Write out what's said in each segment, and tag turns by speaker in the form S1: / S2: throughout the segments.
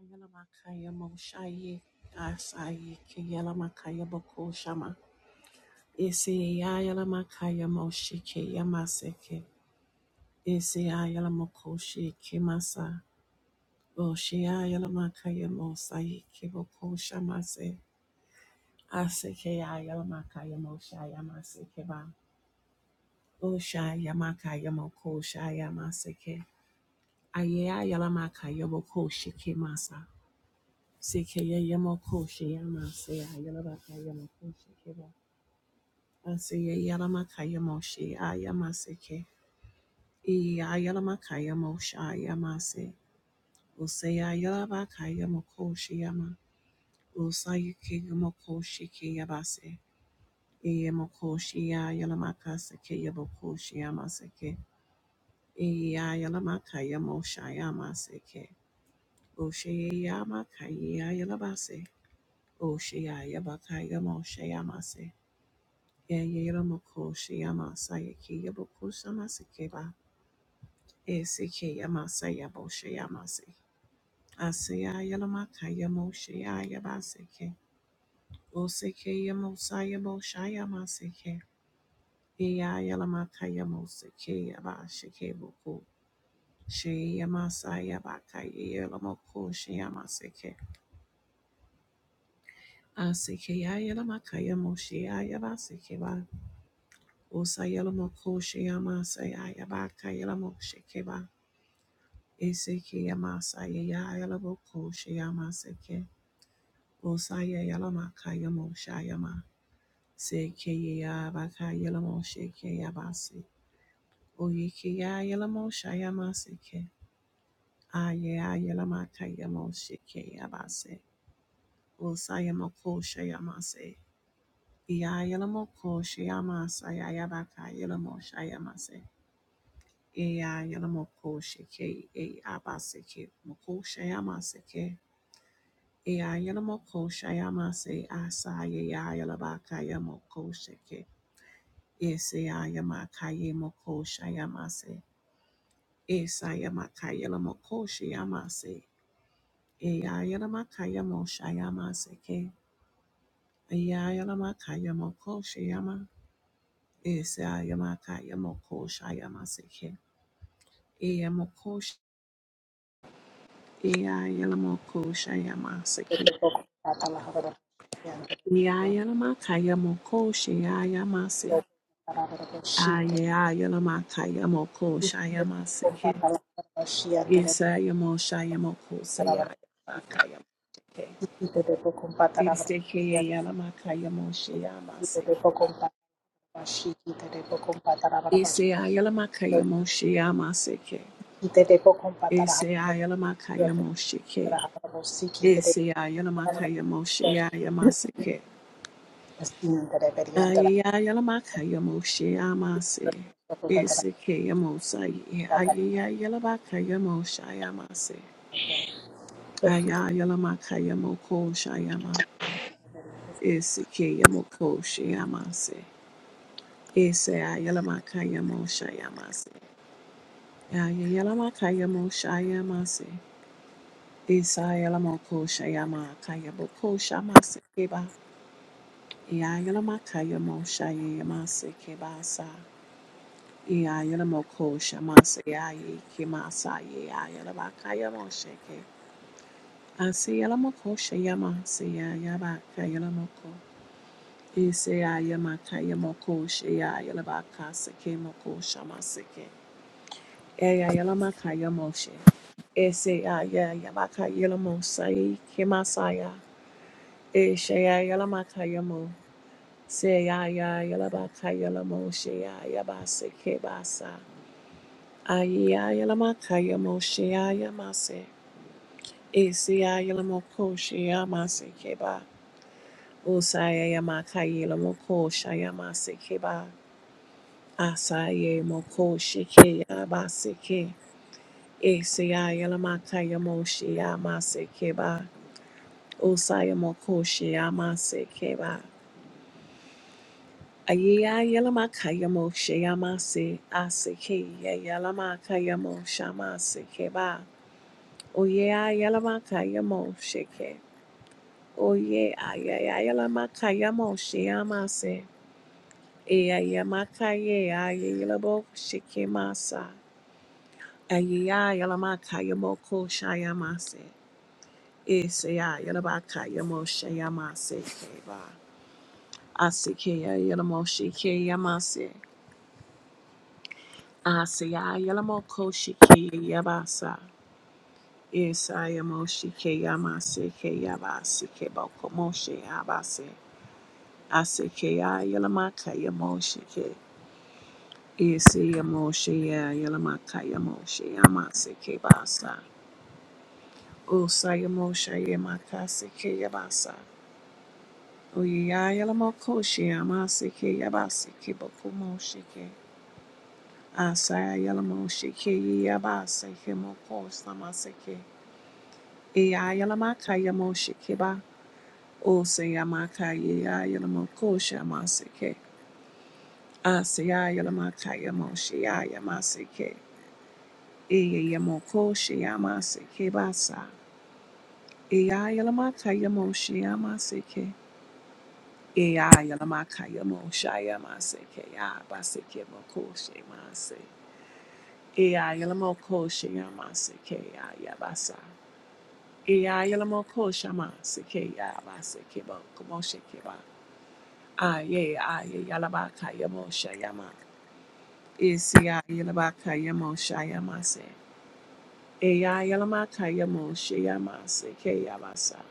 S1: Ayala makaya moshaye, asaye kiyala makaya keyalamakaya bokoshama. Ese ayala makaya moshike yamaseke. Ese ayalamokoshi kemasa. Oshi ayalamakaya mosaye kebokoshamase. Aseke ayalamakaya moshaya maseke ba. Oshaya makaya mokoshaya maseke. Aye ayalamakaya bokoshi kemasa. Sekeya Yamokoshe Yamase Ayalabaka Yamokoshe Kiba. Aseya Yalamaka Yamoshi Ayamaseke. E Ayalamaka Yamosha Yamase. Useya Yalabaka Yamokoshe Yama. Usayuki Yamokoshi Kiyabase. Eyamokoshi Ayalamaka Seke Yabokoshi Yamaseke. Eyayalamaka Yamosha Yamaseke. Oshe Yamaka Yalabase. Oshe Yabaka Yamoshe Yamase. Yelamo Shayama Sayabaka Yelamo Shekeba Eseke yamasaya yayalaboko shayamaseke. Osaya yalamaka yamo shayama. Seke yabaka yalamo sheke yabasi. Oyeke yayalamo shayamaseke. Aye ayalamaka yamo sheke yabase. Osaya moko shayamase. Yayalamoko shayamasa yayabaka yalamo shayamase. Eya yalamoko sheke e abaseke. Moko shayamaseke. Ea yalamoko shayama se asaye ya yalabaka yamoko sheke. Ese ya yamaka yamoko shayama se. Esa yamaka yalamoko shayama se. Ea yalamaka yamo shayama seke. Ea yalamaka yamoko shayama. Esa yamaka yamoko shayama seke. Ea moko sh- Ea yalamoko shayama seke. Ea yalamaka yamoko shayama se. Ayayamakayamoko shayamaseke. Yesayamo shayamoko sayayamakayamake. Esekeyayalamakayamo shayamaseke. Eseyayalamakayamo shayamaseke. Eseyayalamakayamo shike. Eseyayalamakayamo shayamaseke. Ayayamakayamo shayamase. Esekeyamo say. Ayayamakayamo shayamase. Ayayalamakayamoko shayama. Esekeyamoko shayamase. Ese ayalamakayamo shayamase. Ayayalamakayamo shayamase. Ese ayalamoko shayama kayaboko shamase keba. Ayayalamakayamo shayamase kebasa. Ayayalamoko shamase ayayi kimasa ayayalamakayamo sheke. Asiyalamoko shayama seyayabakayalamoko. Isaiah Makaya Moko Shea Yalabaka Seke Moko Shamaseke Eya Yalamakaya Moshe Isaiah Yabaka Yalamo Sai Kimasaya Isaiah Yalamakaya Mo Seya Yalabaka Yalamo Shea Yabaseke Basa Aya Yalamakaya Mo Shea Yamase Isaiah Yalamoko Shea Maseke Ba Usaya Yamakaya Yalamoko Shea Maseke Asaye moko shike ya basike. Eseya yelamaka yamoshi ya masike ba. Osaya moko shi ya masike ba. Ayeya yelamaka yamoshi ya masi. Asike ya yelamaka yamoshi ya masike ba. Oyeya yelamaka yamoshi ke. Oye ayaya yelamaka yamoshi ya masi. Eya yamaka ye aye yelabo shike masa. Ayiya yalamaka yamoko shayamase. Isaya yalabaka yamo shayamase keba. Asikeya yalamo shike yamase. Asaya yalamoko shike yabasa. Isaya mo shike yamase ke yabasi ke boko moshe yabase. Asikeya yalamaka yamo shike. Isaya mo shaya yalamaka yamo shayamase ke basa. Usaya mo shayamaka sike yabasa. Oyeyayelamokoshiamasikiyabasikibokumushiki. Asayayelamoshikiyabasikimukosamasiki. Eyayelamakayamoshikiba. Osayamakayeyayelamokoshamasiki. Asayayelamakayamoshiyayamasiki. Eyayemokoshiamasikiba sa. Eyayelamakayamoshiyamasiki. Eya yalamaka yamoshaya maseke ya base ke mo mokoshe mase. Eya yalamo koshe yamase ke ya yabasa. Eya yalamo yalamokosha ke ya base ke mo baseke ke ba. Aye aye yalabaka yamoshaya ma. Isi ya yalabaka yamo shaya mase. Eya yalamaka yamo shaya maseke ya basa.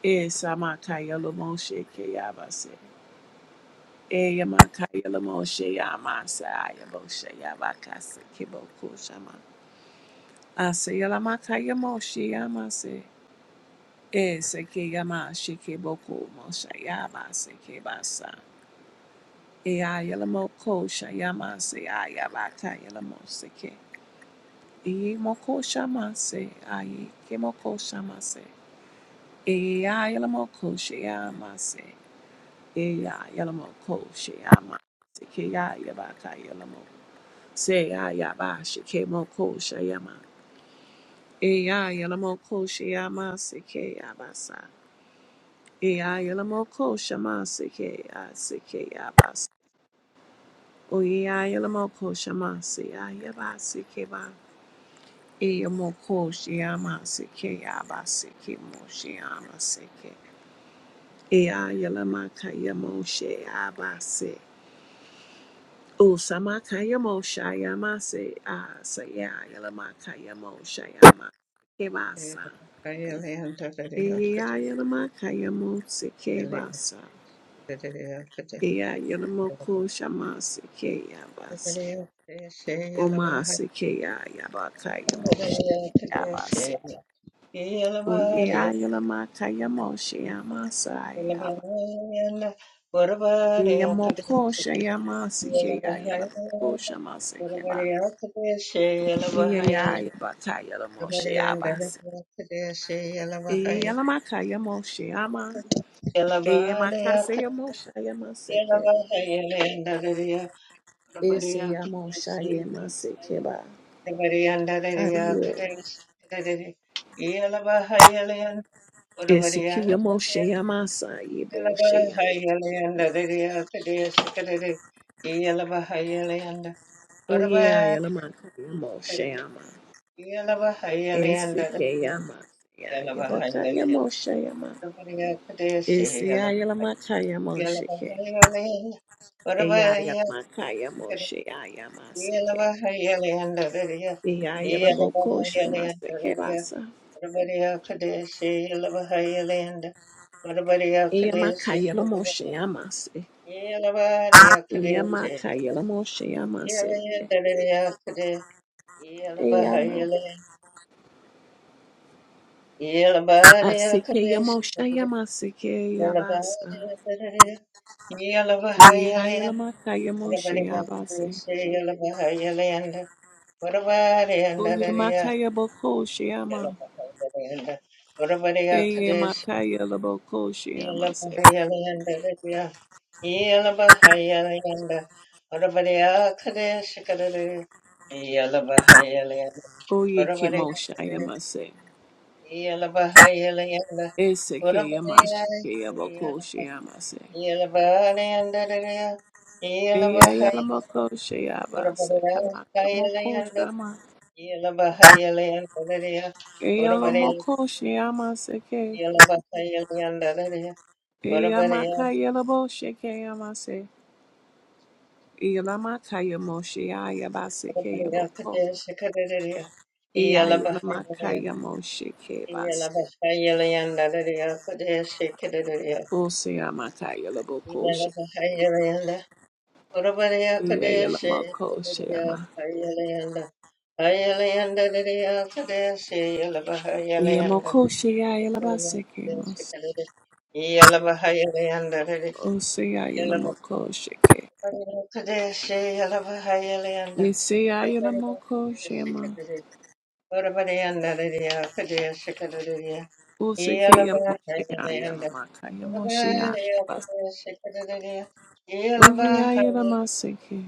S1: Esa maka yalamoshe ke ya base. moshe moshe shama. Ase Yamakaya Moshe Yamase. Ese Kiyamashi Kiboko Moshe Yabase Kibasa. Eyalamoko Shayamase ayabaka Yalamoseke. Eyamoko Shamase ayi Eyamase, Se ayaba shikemo ko shayama. Eya yelamo ko shayama seke yabasa. Eya yelamo ko shama seke ya seke yabasa. Oya yelamo ko shama se ayaba seke ba. Eyamo ko shayama seke yabasa seke mo shayama seke. Eya yelama kayamo shayaba se. O sama kayamo shayama se. Ah, se ya yelama kayamo shayama.
S2: Yellow
S1: Kebasa. Eyeyayalama kayamo seke basa. Eyayalamo shama seke yabase. Oma seke yaba kayamo sheke yabase. Oyeyayalama kayamo sheyama sayaba. Eyamoko sheyama seke yayalaboko shama seke ba. Eyayayaba kayalamo sheyabase. Eyayalama kayamo sheyama. Eyamakase yamo sheyama seke. Ese
S2: Arabariya
S1: yamo
S2: Kadesi,
S1: shaye masekeba.
S2: Arabarianda Dariya
S1: Aye.
S2: Kadesi, Kadere, Yelabahayalayan,
S1: Ese
S2: Arabarianda
S1: kiyamo
S2: Dariya,
S1: shaya masa yebo shaya.
S2: Yelabahayalayanda Dariya Kadesi, Kadere, Yelabahayalayanda,
S1: Oye ya
S2: Arabariya
S1: yalamaka yamo
S2: Kadere,
S1: shayama.
S2: Yelabahayalayanda
S1: Ese
S2: Dariya,
S1: kiyama ya yabaka
S2: Yelabahayalayanda,
S1: yamo shayama.
S2: Arabariya Kadesi,
S1: Ese ya yalamaka yamo shike.
S2: Yelabahayalayanda,
S1: Eya
S2: Arabariya
S1: yalamaka yamo shaya
S2: Yeah.
S1: yamasike. Eya yalamoko shamasike basa.
S2: What
S1: Eya maka yalamo shayamase. Eya maka yalamo shayamase. Asike yamosha yamasike yabasa. Oye ayolamaka yamoshe yabase.
S2: about
S1: Oye
S2: it?
S1: makaya boko
S2: Yellow,
S1: shiyama. Eye makaya laboko shiyamase. Oye kimosha yamase. Esike yamashike yaboko shiyamase. Eye ayalamoko shiyabase. Kamaka moko shama. Eye alamoko shiyamase ke. Eye
S2: Orabariya,
S1: makaya labo shike yamase. Ilamakaya Moshe Ayabasekaya
S2: orabariya,
S1: Boko.
S2: kadeshi kaderiya. Iyala bahayaliya,
S1: Eyayalamakaya Moshe
S2: iyala
S1: Kebas.
S2: bahayaliyanda deriya, kadeshi kaderiya.
S1: Oseyamakaya Laboko
S2: Iyala
S1: Shema.
S2: bahayaliyanda, orabariya, kadeshi
S1: Eyayalamako
S2: kaderiya,
S1: Shema.
S2: bahayaliyanda. Bahayaliyanda deriya, kadeshi, iyala bahayaliyanda,
S1: Eyamoko
S2: orabariya,
S1: Sheyayalabaseke
S2: kadeshi
S1: Mos.
S2: kaderiya. Iyala bahayaliyanda deriya, iyala bahayaliyanda,
S1: Oseyayalamoko Sheke.
S2: kadeshi, iyala bahayaliyanda.
S1: Eseyayalamoko Shema.
S2: Yeah.
S1: Osekeya Moshe Ayalamakaya Moshe Ayabas. Oyeyayamaseke.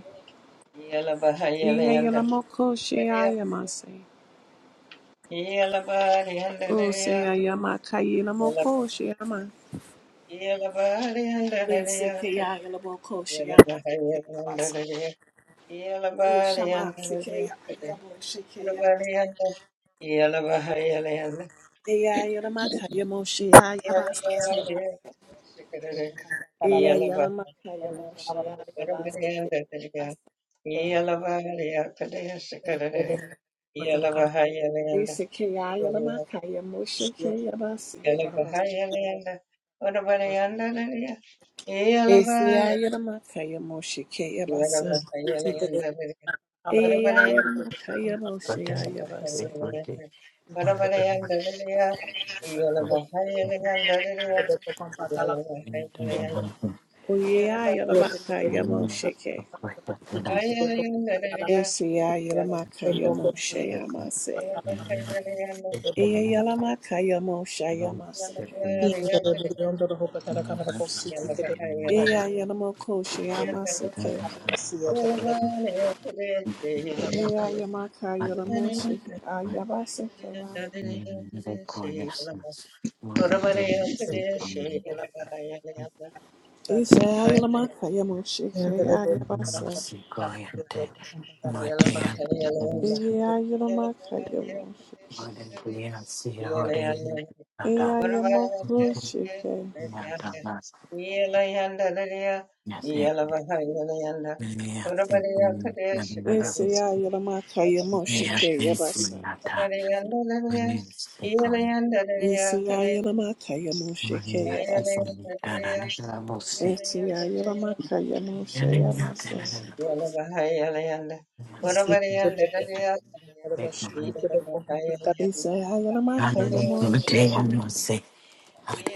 S1: Eyayalamoko Sheyayamaseke. Oh, say I am a Kayela Moko Shama. Yes, Sekaya Yelaboko Shama Sekayabasa. Oh, Shama Sekaya Yabo Shekayabas. Eya Yelamaka Yamo Shia
S2: Yeah.
S1: Yabas Kebas. Eya Yelamaka Yamo Shia Yabas Kebas. Esekaya Yelamaka Yamo Shekayabas. Eseya Yelamaka Yamo Shekayabasa. Eya Yelamaka Yamo Shia Yabas. Oyeya Yelamaka Yamo Shekay.
S2: Yellow
S1: Esia yelamaka yamoshe yamase. Eya yelamaka yamoshe yamase. Eya yelamoko yamase ke. Eya yamaka yelamoshe ayabaseke. Isa ba. Esia yelamaka yamoshe ke ayabase. Eya yelamaka yamoshe. Eya
S2: Yeah.
S1: yamoko shike. Esia yelamaka yamoshe ke yabasa. Esia yelamaka yamoshe ke yabasa. Esaya Yelamaka Yamoshe Yamase. Esaya Yelamaka Yamoshe King.
S2: Yeah,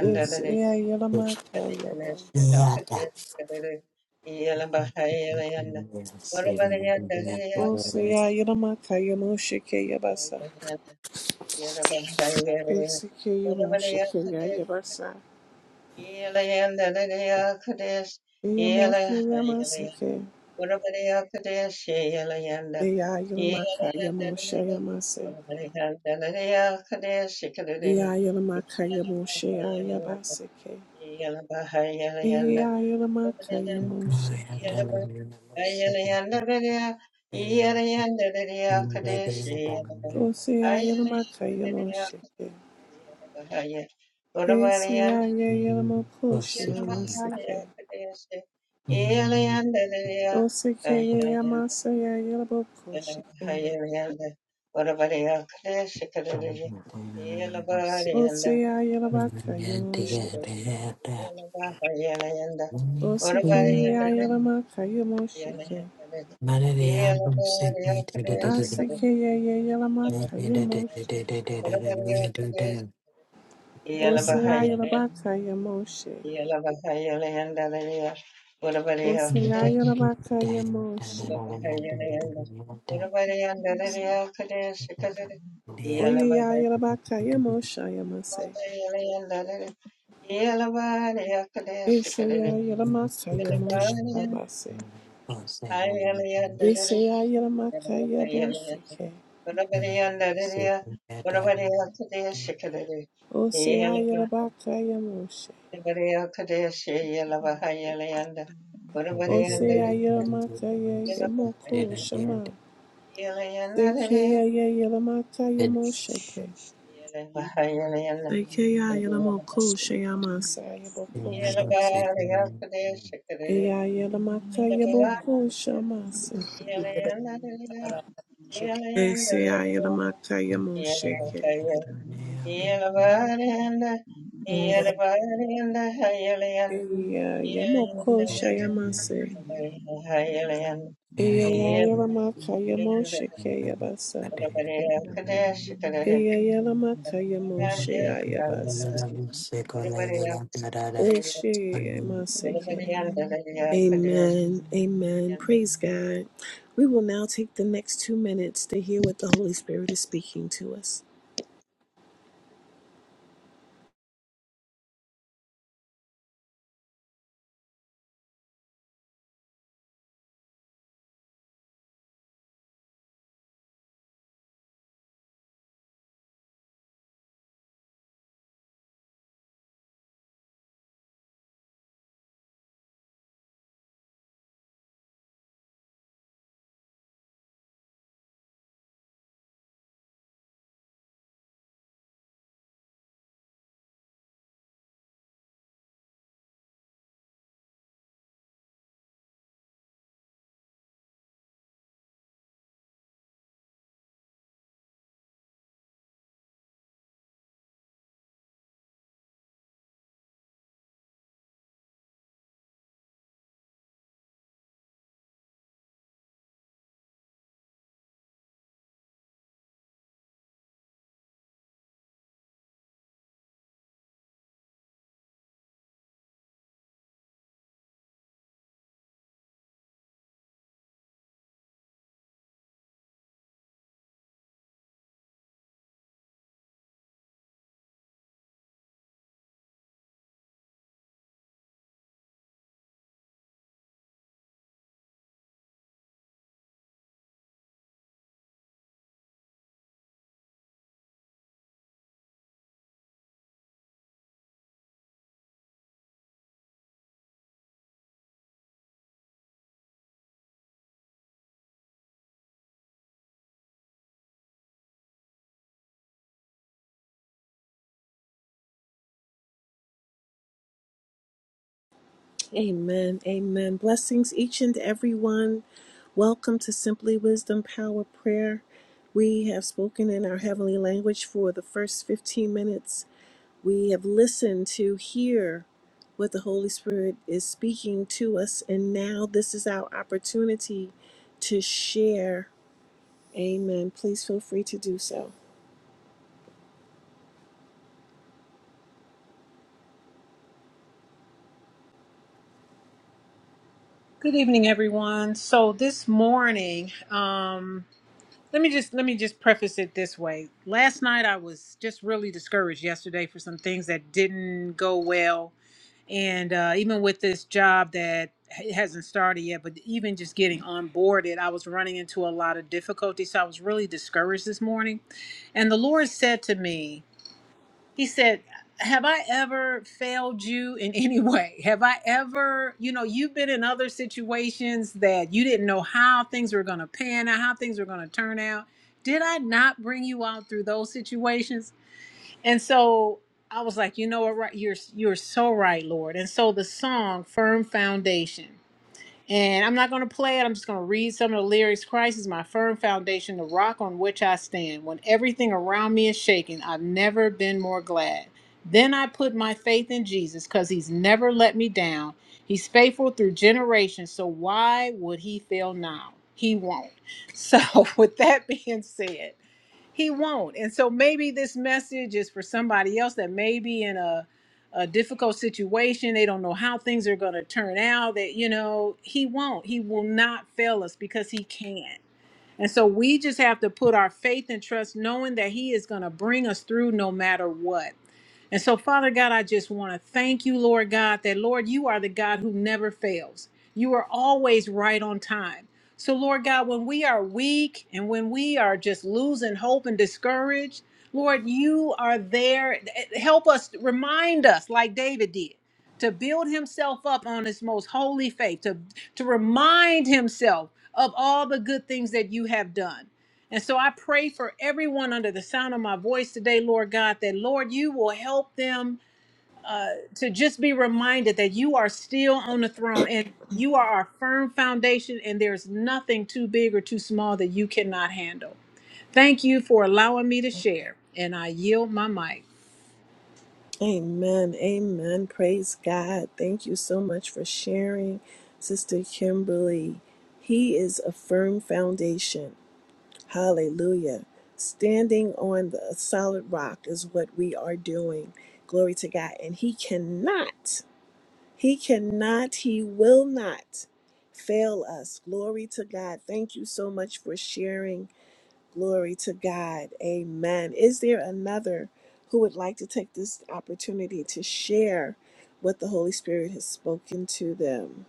S1: Esaya Yelamaka Yabo. Osaya Yelamaka Yamoshe Yabasa. Esike Yamoshe Yabasa. Yamoshe Yamase Ke.
S2: Yeah.
S1: Eya Yelamaka Yamoshe Yamase. Eya Yelamaka Yamoshe Yabase Ke. Eya Yelamaka Yamoshe Ke. Osaya Yelamaka Yamoshe Esiya yelamo koshi yamasike. Osike yamasa yelabo koshi kema.
S2: Yalabahayalayanda, Varavaryakadeshikadariji, Yalabaharyanda,
S1: Osiya yelabaka
S2: Varavadeshika,
S1: yamoshike.
S2: Yalabahayalayanda,
S1: Osike
S3: Thank
S2: Varavaryanda,
S1: yelamaka yamoshike.
S2: Yalayalayanda,
S1: Asike
S2: Yalabaharyakadeshikadariji,
S1: yelamaka
S2: Yalabahayalayanda,
S1: yamoshe.
S2: Varavadeshika,
S1: Osiya
S2: Yalabahayalayanda,
S1: yelabaka yamoshe.
S2: Yalabahayalayanda,
S1: Osiya
S2: Varavaryakadeshika,
S1: yelabaka yamoshe.
S2: Yalabahayalayanda, Varavaryanda, Yalabahayalayanda,
S1: Oyeya yelabaka yamosha yamase.
S2: Yeah.
S1: Esiya yelamaka yamoshe yamase. Isaiah Makaya Boshike. Osea Bakaya Moshe. Osea Makaya Yamoko Shama. Sekeya Yelamakaya Mosheke. Sekeya Yelamoko Shayama Saya Boko Shama. Eya Yelamakaya Boko Shama Se.
S2: Yeah.
S1: Esea Yelamakaya Mosheke. Eya Yamoko Shayama Se. Eya Yelamakaya
S3: you.
S1: Mosheke Yabasa.
S3: Thank you,
S1: Amen. Amen. Praise God. We will now take the next two minutes to hear what the Holy Spirit is speaking to us. Amen. Amen. Blessings, each and every one. Welcome to Simply Wisdom Power Prayer. We have spoken in our heavenly language for the first 15 minutes. We have listened to hear what the Holy Spirit is speaking to us, and now this is our opportunity to share. Amen. Please feel free to do so.
S4: Good evening, everyone. So this morning, um, let me just let me just preface it this way. Last night I was just really discouraged yesterday for some things that didn't go well, and uh, even with this job that it hasn't started yet, but even just getting onboarded, I was running into a lot of difficulty. So I was really discouraged this morning, and the Lord said to me he said have i ever failed you in any way have i ever you know you've been in other situations that you didn't know how things were going to pan out how things were going to turn out did i not bring you out through those situations and so i was like you know what right you're you're so right lord and so the song firm foundation and I'm not going to play it. I'm just going to read some of the lyrics. Christ is my firm foundation, the rock on which I stand. When everything around me is shaking, I've never been more glad. Then I put my faith in Jesus because he's never let me down. He's faithful through generations, so why would he fail now? He won't. So, with that being said, he won't. And so maybe this message is for somebody else that may be in a a difficult situation. They don't know how things are going to turn out. That, you know, he won't. He will not fail us because he can. And so we just have to put our faith and trust, knowing that He is going to bring us through no matter what. And so, Father God, I just want to thank you, Lord God, that Lord, you are the God who never fails. You are always right on time. So, Lord God, when we are weak and when we are just losing hope and discouraged, Lord, you are there. Help us, remind us, like David did, to build himself up on his most holy faith, to, to remind himself of all the good things that you have done. And so I pray for everyone under the sound of my voice today, Lord God, that Lord, you will help them uh, to just be reminded that you are still on the throne and you are our firm foundation, and there's nothing too big or too small that you cannot handle. Thank you for allowing me to share, and I yield my mic.
S1: Amen. Amen. Praise God. Thank you so much for sharing, Sister Kimberly. He is a firm foundation. Hallelujah. Standing on the solid rock is what we are doing. Glory to God. And He cannot, He cannot, He will not fail us. Glory to God. Thank you so much for sharing. Glory to God. Amen. Is there another who would like to take this opportunity to share what the Holy Spirit has spoken to them?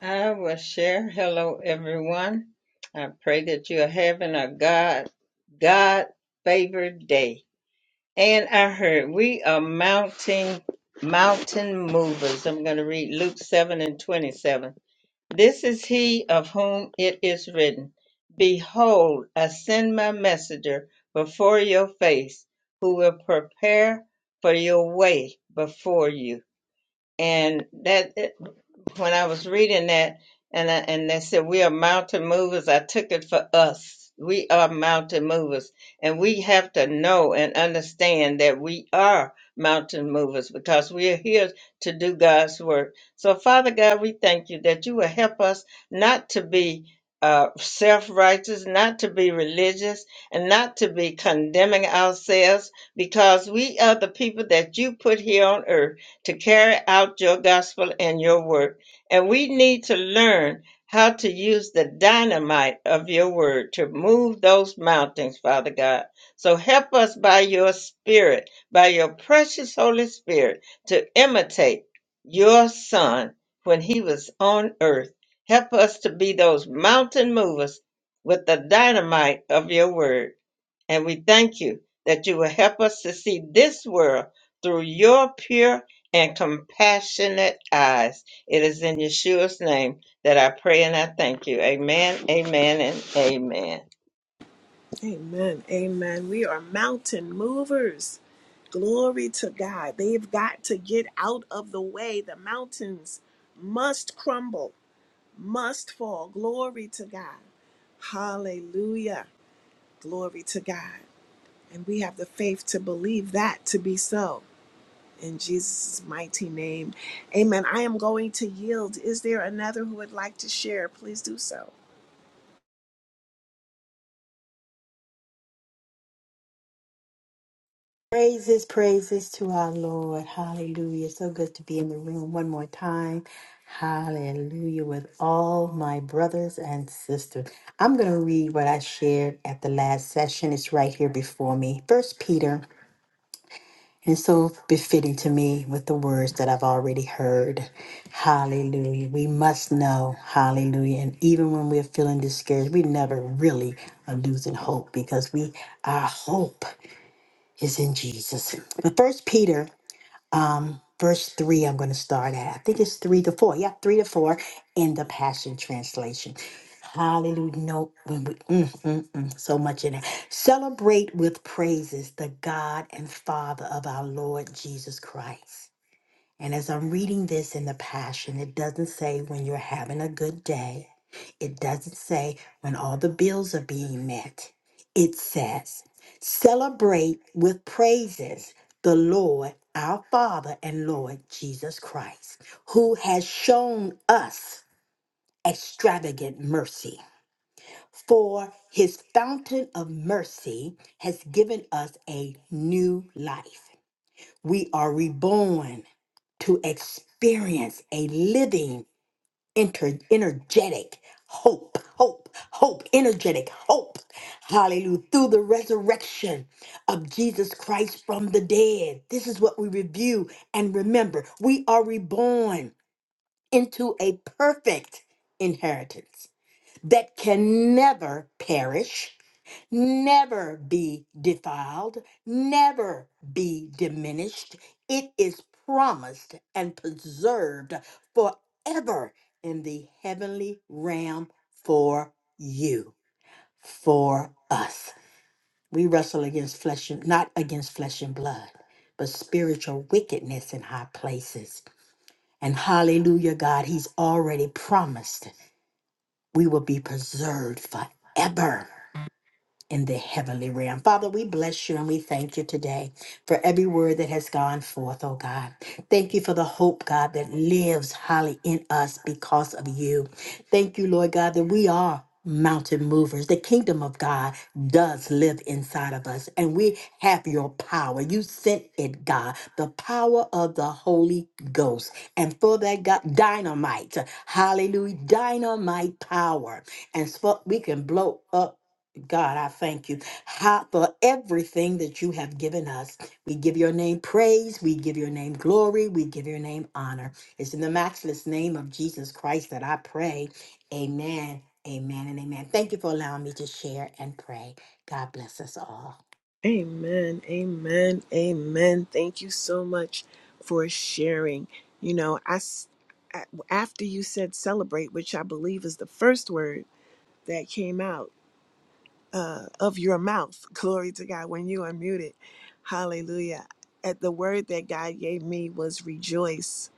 S2: I will share. Hello, everyone. I pray that you are having a God, God favored day. And I heard we are mounting mountain movers. I'm going to read Luke 7 and 27. This is he of whom it is written, Behold, I send my messenger before your face, who will prepare for your way before you and that when I was reading that, and I, and they said we are mountain movers, I took it for us. We are mountain movers, and we have to know and understand that we are mountain movers because we are here to do God's work. So, Father God, we thank you that you will help us not to be. Uh, self-righteous, not to be religious, and not to be condemning ourselves, because we are the people that you put here on earth to carry out your gospel and your work. And we need to learn how to use the dynamite of your word to move those mountains, Father God. So help us by your spirit, by your precious Holy Spirit, to imitate your Son when he was on earth. Help us to be those mountain movers with the dynamite of your word. And we thank you that you will help us to see this world through your pure and compassionate eyes. It is in Yeshua's name that I pray and I thank you. Amen, amen, and amen.
S1: Amen. Amen. We are mountain movers. Glory to God. They've got to get out of the way. The mountains must crumble, must fall. Glory to God. Hallelujah. Glory to God. And we have the faith to believe that to be so. In Jesus' mighty name. Amen. I am going to yield. Is there another who would like to share? Please do so.
S5: here before me, First Peter, so befitting to me with the words that I've already heard. Hallelujah. We must hallelujah, and eager never really losing hope because we our hope is in Jesus. But First Peter, verse three, I'm going to start at. I think it's three to four. Yeah, three to four in the Passion Translation. Hallelujah. No, when we- mm, mm, mm, so much in it. Celebrate with praises the God and Father of our Lord Jesus Christ. And as I'm reading this in the Passion, it doesn't say when you're having a good day, it doesn't say when all the bills are being met. It says, celebrate with praises the Lord, our Father and Lord Jesus Christ, who has shown us extravagant mercy for his fountain of mercy has given us a new life. We are reborn to experience a living, inter- energetic hope, hope, hope, energetic hope. Hallelujah. Through the resurrection of Jesus Christ from the dead. This is what we review and remember. We are reborn into a perfect inheritance that can never perish never be defiled, never be diminished. It is promised and preserved forever in the heavenly realm for you, for us. We wrestle against flesh and not against flesh and blood, but spiritual wickedness in high places. And hallelujah, God, He's already promised we will be preserved forever in the heavenly realm. Father, we bless you and we thank you today for every word that has gone forth, oh God. Thank you for the hope, God, that lives highly in us because of you. Thank you, Lord God, that we are. Mountain movers. The kingdom of God does live inside of us, and we have your power. You sent it, God, the power of the Holy Ghost. And for that, God, dynamite, hallelujah, dynamite power. And so we can blow up God, I thank you how, for everything that you have given us. We give your name praise. We give your name glory. We give your name honor. It's in the matchless name of Jesus Christ that I pray. Amen, amen, and amen. Thank you for allowing me to share and pray. God bless us all.
S1: Amen. Amen. Amen. Thank you so much for sharing. You know, I s- a- after you said celebrate, which I believe is the first word that came out uh, of your mouth. Glory to God when you unmuted. Hallelujah. At the word that God gave me was rejoice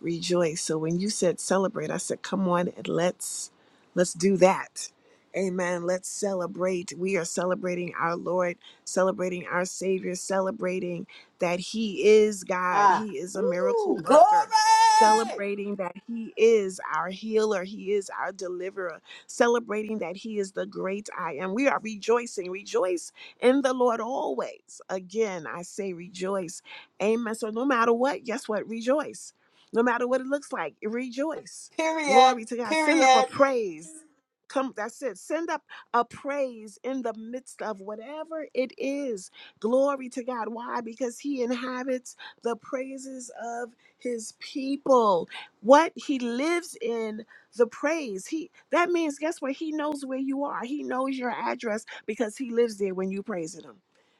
S1: rejoice. So when you said celebrate, I said, come on and let's let's do that. Amen. Let's celebrate. We are celebrating our Lord, celebrating our Savior, celebrating that He is God.
S5: Ah,
S1: He is a miracle
S5: woo, glory!
S1: worker. Celebrating that He is our healer. He is our deliverer. Celebrating that He is the great I am. We are rejoicing. Rejoice in the Lord always. Again, I say rejoice. Amen. So no matter what, guess what? Rejoice no matter what it looks like rejoice
S5: Period,
S1: glory to god send up a
S5: period.
S1: praise come that's it send up a praise in the midst of whatever it is glory to god why because he inhabits the praises of his people what he lives in the praise he that means guess what he knows where you are he knows your address because he lives there when you praising him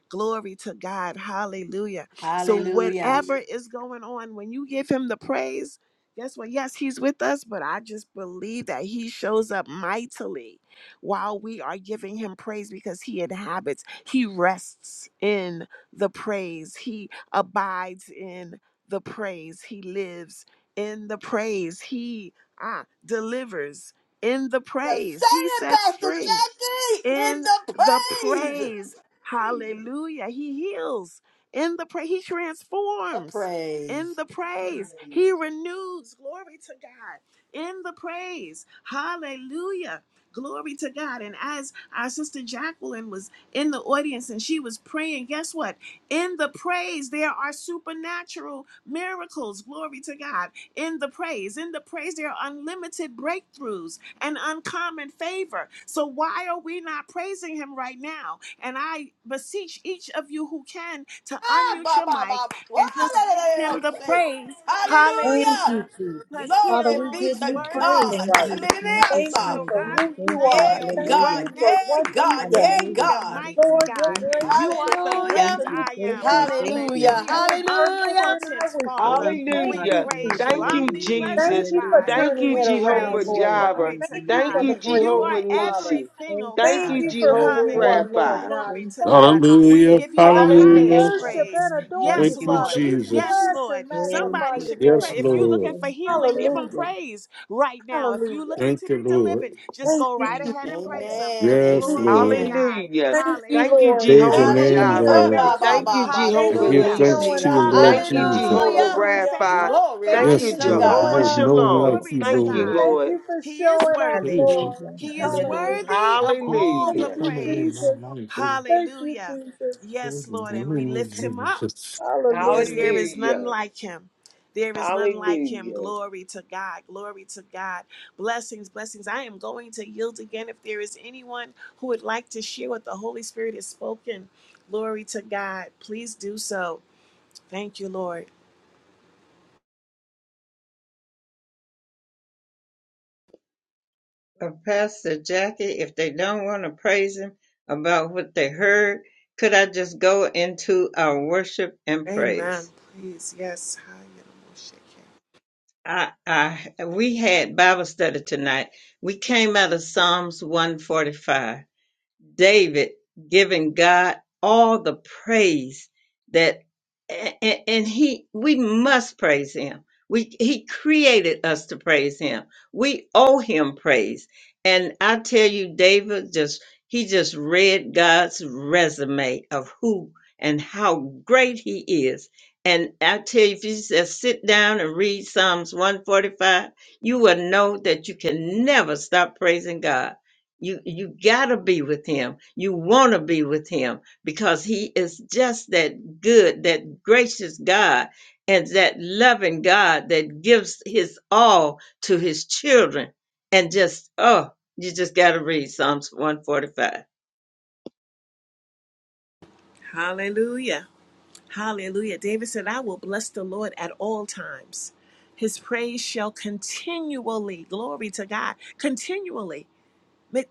S1: glory to god hallelujah so
S5: Hallelujah.
S1: whatever is going on, when you give him the praise, guess what? Yes, he's with us, but I just believe that he shows up mightily while we are giving him praise because he inhabits, he rests in the praise, he abides in the praise, he lives in the praise, he ah delivers in the
S5: Now Say
S1: praise, he
S5: it,
S1: sets
S5: Pastor
S1: free
S5: Jackie, in
S1: in
S5: the
S1: the
S5: praise.
S1: praise. Hallelujah. He heals in the praise. He
S5: The
S1: transforms
S5: praise.
S1: in the praise. He renews. Glory to God in the praise. Hallelujah. Glory to God. And as our sister Jacqueline was in the audience and she was praying, guess what? In the praise, there are supernatural miracles. Glory to God. In the praise, in the praise, there are unlimited breakthroughs and uncommon favor. So why are we not praising him right now? And I beseech each of you who can to
S5: Ba,
S1: unmute
S5: ba,
S1: your
S5: ba, ba.
S1: mic and just give him
S5: Hallelujah.
S1: the praise.
S5: hallelujah.
S1: Hallelujah. Because he
S5: Glory
S1: alone
S5: be
S1: is
S5: to
S1: worthy
S5: God.
S1: to be
S3: thank
S5: Hallelujah.
S3: you,
S1: praised. And
S3: Father
S1: so,
S3: God.
S1: God, we
S3: Thank
S1: thank
S3: you,
S1: you
S5: Yeah, God.
S1: right
S3: hallelujah,
S1: now,
S5: Yeah, God.
S1: wonderful
S5: Yeah,
S3: hallelujah,
S1: Savior,
S5: God.
S3: Father
S1: mighty
S3: God.
S1: God.
S3: Thank you,
S1: You are the great
S5: Hallelujah.
S3: thank you,
S1: I
S3: thank
S1: am.
S3: you, thank you,
S5: Hallelujah.
S1: Hallelujah.
S5: Hallelujah.
S1: Omnipotent Father,
S3: thank you,
S1: we
S3: Father
S6: Hallelujah.
S3: God.
S1: praise you.
S6: Thank you,
S3: Hallelujah,
S1: Omnipresent
S6: Jesus.
S1: God.
S3: hallelujah,
S6: Thank you,
S1: We
S6: Jehovah
S1: praise you.
S3: hallelujah,
S6: Jireh.
S1: Glory
S3: Father
S1: to
S3: God.
S6: Thank
S1: God.
S3: Thank
S6: you,
S3: you,
S1: You
S3: thank,
S1: are
S6: Jehovah Nisi.
S1: everything,
S3: thank
S1: oh
S3: you,
S6: Thank
S4: Thank
S1: God.
S6: you,
S4: you
S3: Father
S4: for
S3: God.
S4: who
S6: Jehovah
S4: you are,
S3: Thank
S1: Hallelujah.
S3: you,
S4: Lord
S6: Rapha.
S4: God.
S1: Glory
S3: thank
S1: to
S3: you,
S4: Thank
S1: God.
S4: you.
S1: We
S7: Hallelujah.
S1: give you the
S3: thank
S4: We
S3: you,
S7: Hallelujah.
S1: highest
S6: Hallelujah.
S4: worship
S3: Father
S1: praise.
S4: and
S3: God.
S4: adore
S3: Thank
S7: Thank
S1: Yes,
S4: you,
S3: you,
S7: you,
S4: Father.
S1: Lord.
S4: We
S1: Yes,
S7: Jesus.
S4: bless
S1: Lord.
S4: and
S3: Thank
S4: magnify
S1: Somebody
S3: you,
S4: your
S1: should be
S7: Yes,
S3: Father
S4: name.
S1: praying. If you're
S3: God.
S1: looking
S7: Lord.
S3: Thank
S1: for
S3: you,
S1: healing, give
S3: thank
S1: them
S4: Hallelujah.
S3: you,
S1: praise right now. If you're
S4: Hallelujah.
S1: looking
S7: Thank
S1: to
S7: you,
S1: be
S7: Lord.
S1: delivered, just
S4: Thank
S1: go
S4: you,
S1: right
S3: thank
S4: Jesus.
S1: ahead
S3: you,
S1: and
S3: Father.
S1: praise Him.
S5: Amen.
S7: Yes,
S1: Glory to
S7: Lord.
S5: Amen.
S1: God.
S6: Hallelujah.
S4: Thank you,
S6: Thank you,
S1: Hallelujah.
S4: Lord.
S7: Praise your
S4: Thank
S1: You
S4: you
S6: Jehovah
S4: for
S1: believing
S5: Hallelujah.
S7: name,
S1: for
S6: Jireh.
S1: a
S5: Uh,
S4: hearing
S7: Lord.
S5: ba,
S4: us.
S5: ba,
S1: miracle?
S6: Thank
S3: Thank
S6: you,
S5: ba,
S3: you,
S5: ba.
S7: I
S3: Father
S4: Thank
S6: Jehovah
S4: you
S5: So,
S3: God.
S4: for
S7: give
S5: do,
S1: Hallelujah.
S5: do,
S7: thanks
S3: Thank
S6: Nisi.
S4: showing
S5: de,
S7: to
S3: you,
S7: you,
S4: up,
S5: ah.
S3: thank
S7: Lord
S3: you,
S4: Lord
S6: Thank you,
S1: Hallelujah.
S3: thank
S4: God.
S3: you,
S1: You
S7: Jesus.
S6: Jehovah
S3: thank you,
S5: Hallelujah.
S1: believing for
S4: Hallelujah.
S6: Rapha.
S1: favor?
S5: Glory
S4: Thank
S6: Thank
S4: you
S5: be
S6: you,
S7: Yes,
S4: for
S5: to
S3: thank
S7: Lord.
S1: Hallelujah.
S3: you,
S4: showing
S6: Jehovah
S7: There is
S5: God.
S4: up.
S7: no
S3: Father.
S7: one like
S6: Shalom.
S3: Thank
S1: Glory
S7: you,
S3: you,
S1: to
S6: Thank
S3: thank
S6: you,
S7: Lord.
S1: God.
S3: you.
S4: Thank
S6: Lord.
S4: you for
S1: He is
S4: showing up,
S1: worthy.
S7: Praise your
S4: Lord.
S3: Hallelujah,
S1: He is
S7: name.
S4: Hallelujah.
S3: hallelujah,
S1: worthy of
S7: Thank you
S1: all
S7: for
S4: Thank
S1: the
S6: Hallelujah.
S4: you,
S7: coming in my
S1: praise.
S4: Jesus.
S7: life.
S4: Thank you,
S1: Hallelujah.
S4: Jesus.
S7: In
S1: Yes, Lord.
S7: the
S1: And we
S7: name of
S1: lift him up
S7: Jesus.
S1: because
S4: Hallelujah.
S1: there
S3: hallelujah.
S1: is none
S6: Hallelujah.
S1: like him. There is none like him.
S6: Hallelujah.
S1: Glory to God. Glory to God. Blessings, blessings. I am going to yield again if there is anyone who would like to share what the Holy Spirit has spoken. Glory to God. Please do so. Thank you, Lord.
S2: of Pastor Jackie, if they don't want to praise him about what they heard, could I just go into our worship and
S1: Amen.
S2: praise?
S1: Please. Yes.
S2: I, I, we had Bible study tonight. We came out of Psalms 145 David giving God all the praise that and, and he we must praise him. We he created us to praise him. We owe him praise. And I tell you David just he just read God's resume of who and how great he is. And I tell you, if you just sit down and read Psalms 145, you will know that you can never stop praising God you you gotta be with him. You wanna be with him because he is just that good, that gracious God and that loving God that gives his all to his children. And just oh, you just gotta read Psalms 145.
S1: Hallelujah. Hallelujah. David said, I will bless the Lord at all times. His praise shall continually, glory to God, continually. It,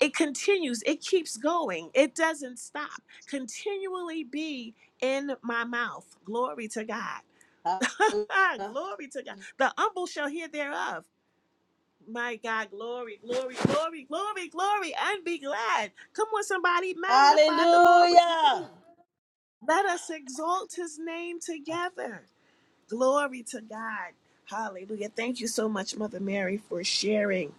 S1: it continues, it keeps going, it doesn't stop. Continually be in my mouth. Glory to God. glory to God. The humble shall hear thereof. My God, glory, glory, glory, glory, glory, and be glad. Come on, somebody, magnify the Lord with me.
S5: Hallelujah.
S1: Let us exalt his name
S5: Hallelujah.
S1: together. Glory to God. Hallelujah. Thank you so much, Mother Mary, for sharing.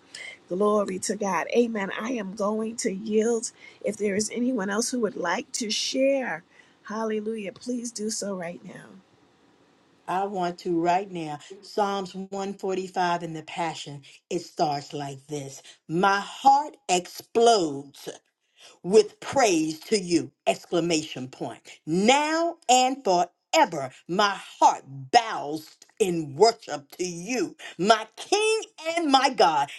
S1: Glory to God. Amen. I am going to yield. If there is anyone else who would like to share, hallelujah, please do so right now.
S5: I want to right now. Psalms 145 in the Passion. It starts like this. My heart explodes with praise to you. Exclamation point. Now and forever, my heart bows in worship to you, my King and my God.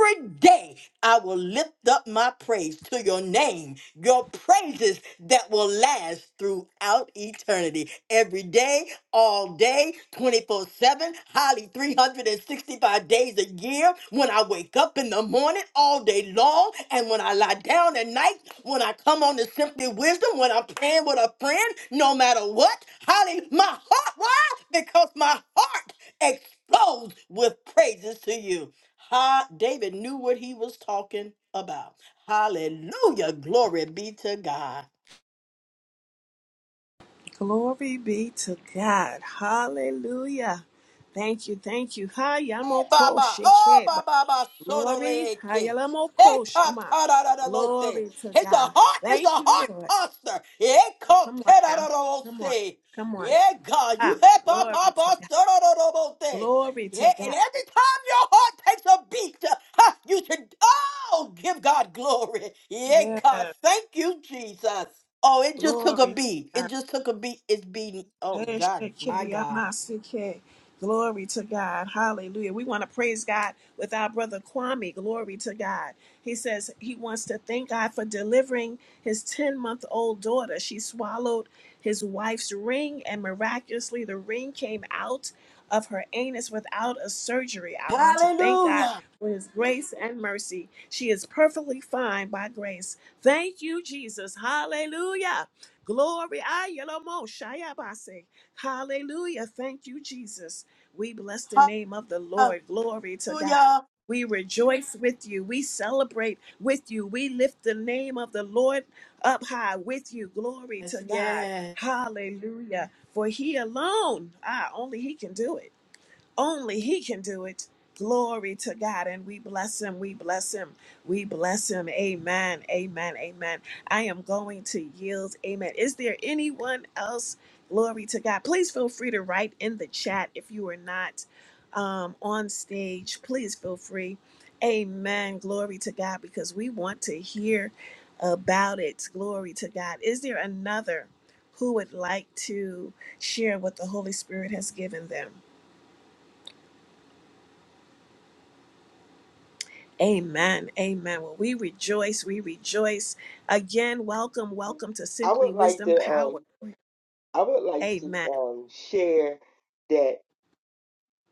S5: Every day I will lift up my praise to your name, your praises that will last throughout eternity. Every day all day, 24 7, highly 365 days a year, when I wake up in the morning, all day long, and when I lie down at night, when I come on to Simply Wisdom, when I'm praying with a friend, no matter what, hallelujah, my heart, why? Because my heart explodes with praises to you. Ha, David knew what he was talking about. Hallelujah. Glory be to God.
S1: Glory be to God. Hallelujah. Thank you. Thank you.
S5: Hey,
S1: Hayamoko
S5: Baba. Oh,
S1: shekeba.
S5: Baba, Baba,
S1: Glory.
S5: Sororeke. Hey,
S1: Hayalamoko
S5: ta,
S1: shama.
S5: ta, ra, ra, ra, bote.
S1: Glory to
S5: It's a
S1: God.
S5: heart, it's
S1: Thank
S5: a
S1: you,
S5: heart
S1: Lord.
S5: posture. Yeah, ko,
S1: Come on
S5: te, ra,
S1: now.
S5: ra, ra,
S1: Come on.
S5: bote.
S1: Come on.
S5: Yeah, God, you
S1: Ah,
S5: have Baba,
S1: glory to
S5: Baba,
S1: God.
S5: Sorororobote.
S1: Glory to
S5: Yeah, and
S1: God.
S5: every time your heart takes a beat, uh, ha, you should, oh, give God glory. Yeah,
S1: Yes.
S5: God, thank you, Jesus. Oh, it just took a
S1: Glory to
S5: beat.
S1: God.
S5: It just took a beat. It's beating. Oh, God, my God.
S1: Heshekeyamasuke. Glory to God. Hallelujah. We want to praise God with our brother Kwame. Glory to God. He says he wants to thank God for delivering his 10 month old daughter. She swallowed his wife's ring, and miraculously, the ring came out of her anus without a surgery. I want to thank God
S5: Hallelujah.
S1: for his grace and mercy. She is perfectly fine by grace. Thank you, Jesus. Hallelujah. Glory, Ayalomo, Shayabase. Hallelujah. Thank you, Jesus. We bless the name of the Lord. Glory to God.
S5: Hallelujah.
S1: We rejoice with you. We celebrate with you. We lift the name of the Lord up high with you. Glory to
S5: Yes,
S1: God.
S5: yes.
S1: Hallelujah. For he alone, ah, only he can do it. Only He can do it. Glory to God. And we bless Him. We bless Him. We bless Him. Amen. Amen. Amen. I am going to yield. Amen. Is there anyone else? Glory to God. Please feel free to write in the chat if you are not um, on stage. Please feel free. Amen. Glory to God because we want to hear about it. Glory to God. Is there another who would like to share what the Holy Spirit has given them? Amen. Amen. Well, we rejoice. We rejoice. Again, welcome. Welcome to
S6: I would
S1: Simply
S6: like
S1: Wisdom
S6: to. um.
S1: Power.
S6: I would like to
S1: Amen.
S6: um, share that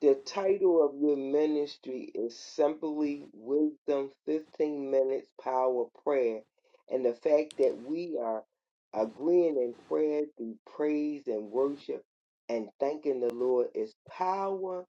S6: the title of your ministry is simply Wisdom 15 Minutes Power Prayer. And the fact that we are agreeing in prayer through praise and worship and thanking the Lord is power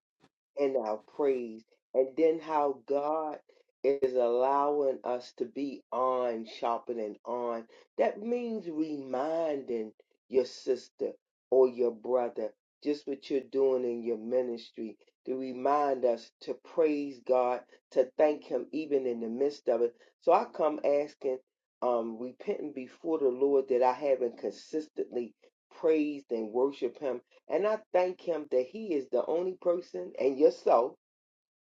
S6: and our praise, and then how God is allowing us to be on, sharpening on. That means reminding your sister or your brother just what you're doing in your ministry to remind us to praise God, to thank Him even in the midst of it. So I come asking, um, repenting before the Lord that I haven't consistently praised and worshiped Him and I thank him that he is the only person and yourself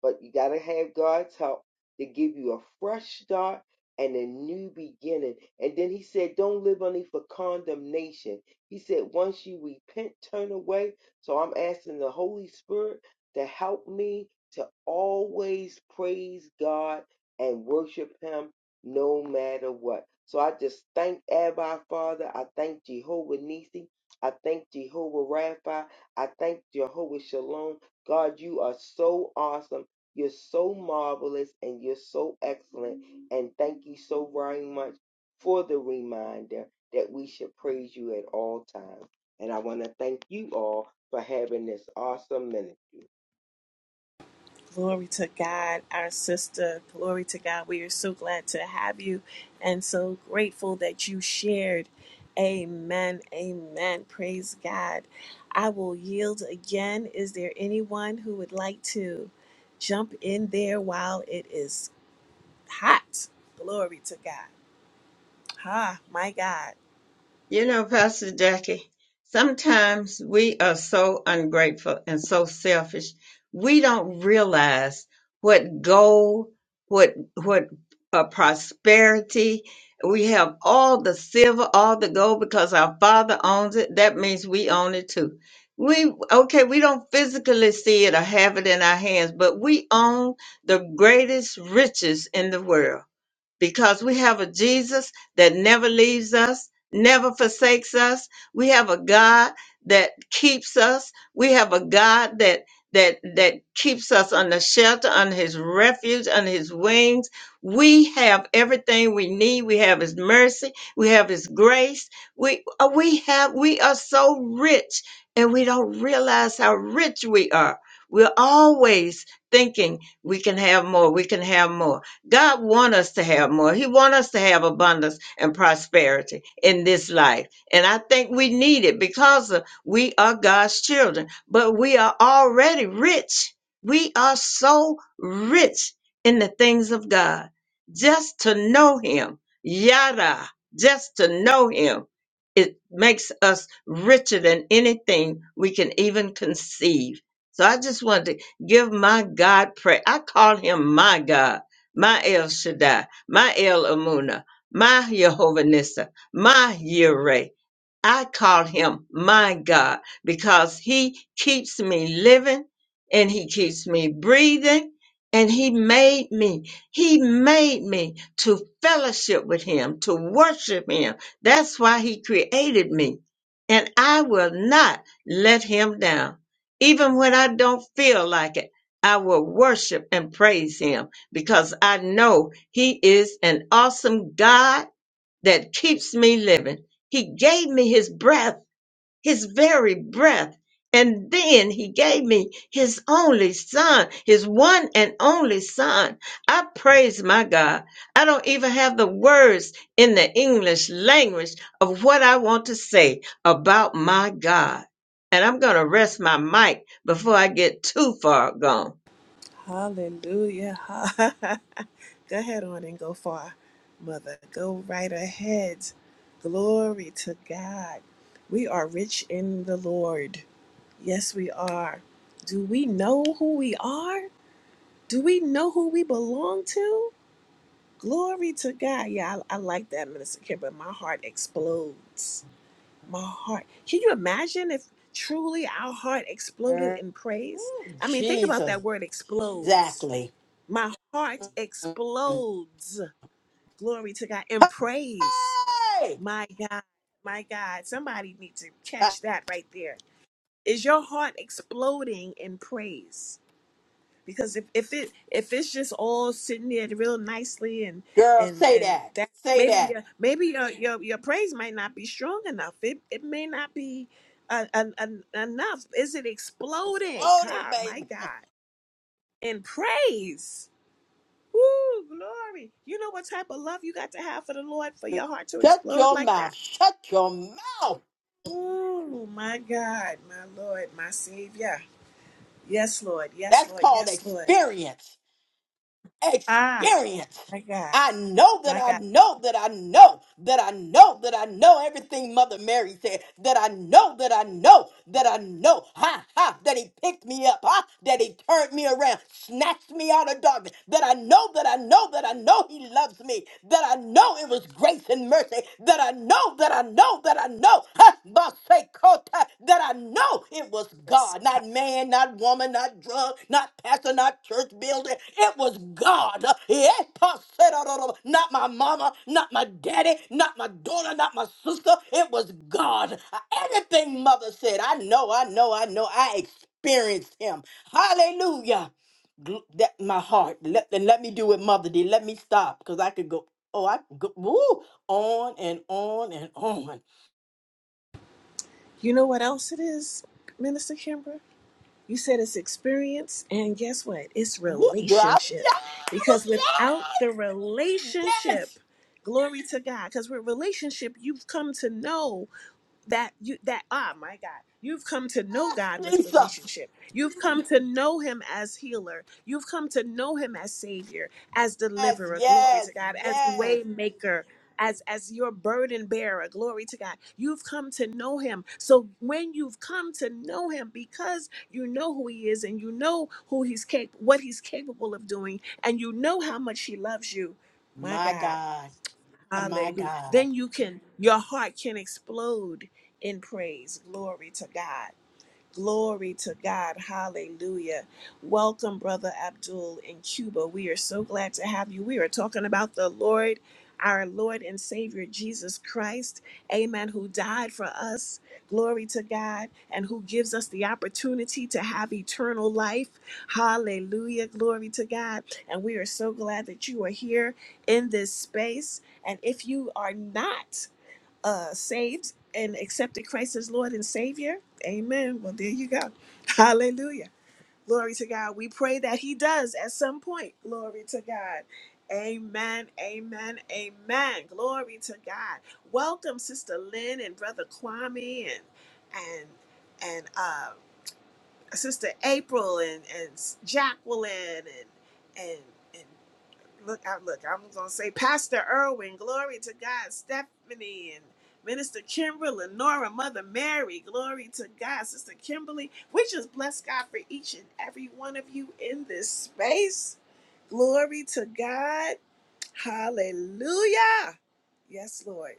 S6: but you got to have God's help to give you a fresh start and a new beginning. And then he said, Don't live only for condemnation. He said, Once you repent, turn away. So I'm asking the Holy Spirit to help me to always praise God and worship Him no matter what. So I just thank Abba Father. I thank Jehovah Nisi. I thank Jehovah Rapha. I thank Jehovah Shalom. God, you are so awesome. You're so marvelous and you're so excellent. And thank you so very much for the reminder that we should praise you at all times. And I want to thank you all for having this awesome minute.
S1: Glory to God, our sister. Glory to God. We are so glad to have you and so grateful that you shared. Amen. Amen. Praise God. I will yield again. Is there anyone who would like to jump in there while it is hot? Glory to God. Ha, my God.
S2: You know, Pastor Jackie, sometimes we are so ungrateful and so selfish. We don't realize what gold, what what uh, prosperity. We have all the silver, all the gold because our Father owns it. That means we own it too. We okay, we don't physically see it or have it in our hands, but we own the greatest riches in the world because we have a Jesus that never leaves us, never forsakes us. We have a God that keeps us. We have a God that that that keeps us under shelter, under his refuge, under his wings. We have everything we need. We have his mercy. We have his grace. We uh, we have we are so rich and we don't realize how rich we are. We're always thinking we can have more, we can have more God want us to have more. He want us to have abundance and prosperity in this life. And I think we need it because of- we are God's children, but we are already rich. We are so rich in the things of God. Just to know him, yada, just to know him, it makes us richer than anything we can even conceive. So I just wanted to give my God praise. I call him my God my El Shaddai, my El Amuna, my Jehovah Nissa, my Yireh. I call him my God because he keeps me living and he keeps me breathing and he made me. He made me to fellowship with him, to worship him. That's why he created me. And I will not let him down. Even when I don't feel like it, I will worship and praise him because I know he is an awesome God that keeps me living. He gave me his breath, his very breath. And then he gave me his only son, his one and only son. I praise my God. I don't even have the words in the English language of what I want to say about my God. And I'm going to rest my mic before I get too far gone.
S1: Hallelujah. go ahead on and go far, Mother. Go right ahead. Glory to God. We are rich in the Lord. Yes, we are. Do we know who we are? Do we know who we belong to? Glory to God. Yeah, I, I like that, Minister Kim, but my heart explodes. My heart. Can you imagine if truly our heart exploded in praise?
S5: Ooh,
S1: I mean, think about that
S5: Jesus,
S1: word explodes
S5: exactly.
S1: my heart
S5: Mm.
S1: explodes. Glory to God and praise.
S5: Hey,
S1: My God, my God. Somebody needs to
S5: Ah,
S1: catch that right there. Is your heart exploding in praise? Because if, if it if it's just all sitting there real nicely and
S5: girl,
S1: and
S5: say
S1: and
S5: that.
S1: that
S5: Say
S1: maybe
S5: that.
S1: your maybe your your, your praise might not be strong enough. It it may not be uh, en- en- enough. Is it exploding?
S5: Explode it,
S1: God, my
S5: baby.
S1: God, in praise. Woo, glory. You know what type of love you got to have for the Lord for your heart to
S5: Shut
S1: explode
S5: your
S1: like that?
S5: mouth. Shut your mouth.
S1: Oh, my God, my Lord, my Savior. Yes, Lord. Yes,
S5: That's
S1: Lord.
S5: called
S1: Yes, Lord.
S5: experience.
S1: Ah,
S5: experience.
S1: my God.
S5: I know that
S1: My
S5: I
S1: God.
S5: know that I know that I know that I know everything Mother Mary said. That I know that I know that I know. Ha ha. That he picked me up. Ha. That he turned me around. Snatched me out of darkness. That I know that I know that I know he loves me. That I know it was grace and mercy. That I know that I know that I know know, huh, Basekota, that I know it was
S1: Yes.
S5: God, not man, not woman, not drug, not pastor, not church building. It was God. Yeah, Paserororo, Not my mama, not my daddy, not my daughter, not my sister. It was God. Uh, Everything mother said, I know, I know, I know. I experienced him. Hallelujah. Gl- That my heart. Let, and let me do what mother did. Let me stop because I could go. Oh, I could go woo, on and on and on.
S1: You know what else it is, Minister Kimbra? You said it's experience, and guess what? It's
S5: What, girl? I was
S1: relationship.
S5: yes,
S1: Because without the
S5: I
S1: relationship,
S5: was
S1: glory to God, because with relationship, you've come to know that you that ah my god you've come to know god
S5: yes,
S1: with
S5: Jesus,
S1: relationship you've come to know him as healer you've come to know him as savior as
S5: yes,
S1: deliverer glory
S5: yes,
S1: to god as
S5: yes.
S1: way maker as as your burden bearer glory to god you've come to know him so when you've come to know him because you know who he is and you know who he's cap- what he's capable of doing and you know how much he loves you my
S5: My
S1: god
S5: God, my
S1: hallelujah
S5: God.
S1: then you can your heart can explode in praise glory to god Glory to God. Hallelujah. Welcome, Brother Abdul in Cuba. We are so glad to have you. We are talking about the Lord, our Lord and Savior Jesus Christ. Amen. Who died for us. Glory to God. And who gives us the opportunity to have eternal life. Hallelujah. Glory to God. And we are so glad that you are here in this space. And if you are not, uh, saved and accepted Christ as Lord and Savior, amen. Well, there you go. Hallelujah. Glory to God. We pray that He does at some point. Glory to God. Amen. Amen. Amen. Glory to God. Welcome, Sister Lynn and Brother Kwame and and and uh, Sister April and and Jacqueline and and and look out look i'm gonna say pastor Irwin, glory to god stephanie and minister kimberly lenora mother mary glory to god sister kimberly we just bless god for each and every one of you in this space glory to god Hallelujah. Yes, Lord.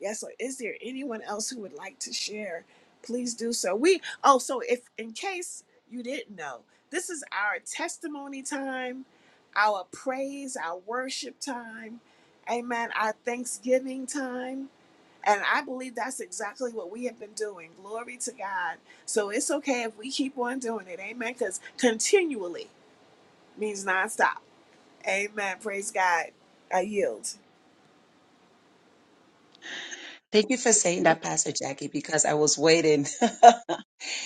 S1: Yes, Lord. Is there anyone else who would like to share? Please do so. We oh, so if in case you didn't know, this is our testimony time, our praise, our worship time, amen, our thanksgiving time. And I believe that's exactly what we have been doing. Glory to God. So it's okay if we keep on doing it. Amen. Because continually means nonstop. Amen. Praise God. I yield.
S3: Thank you for saying that, Pastor Jackie, because I was waiting.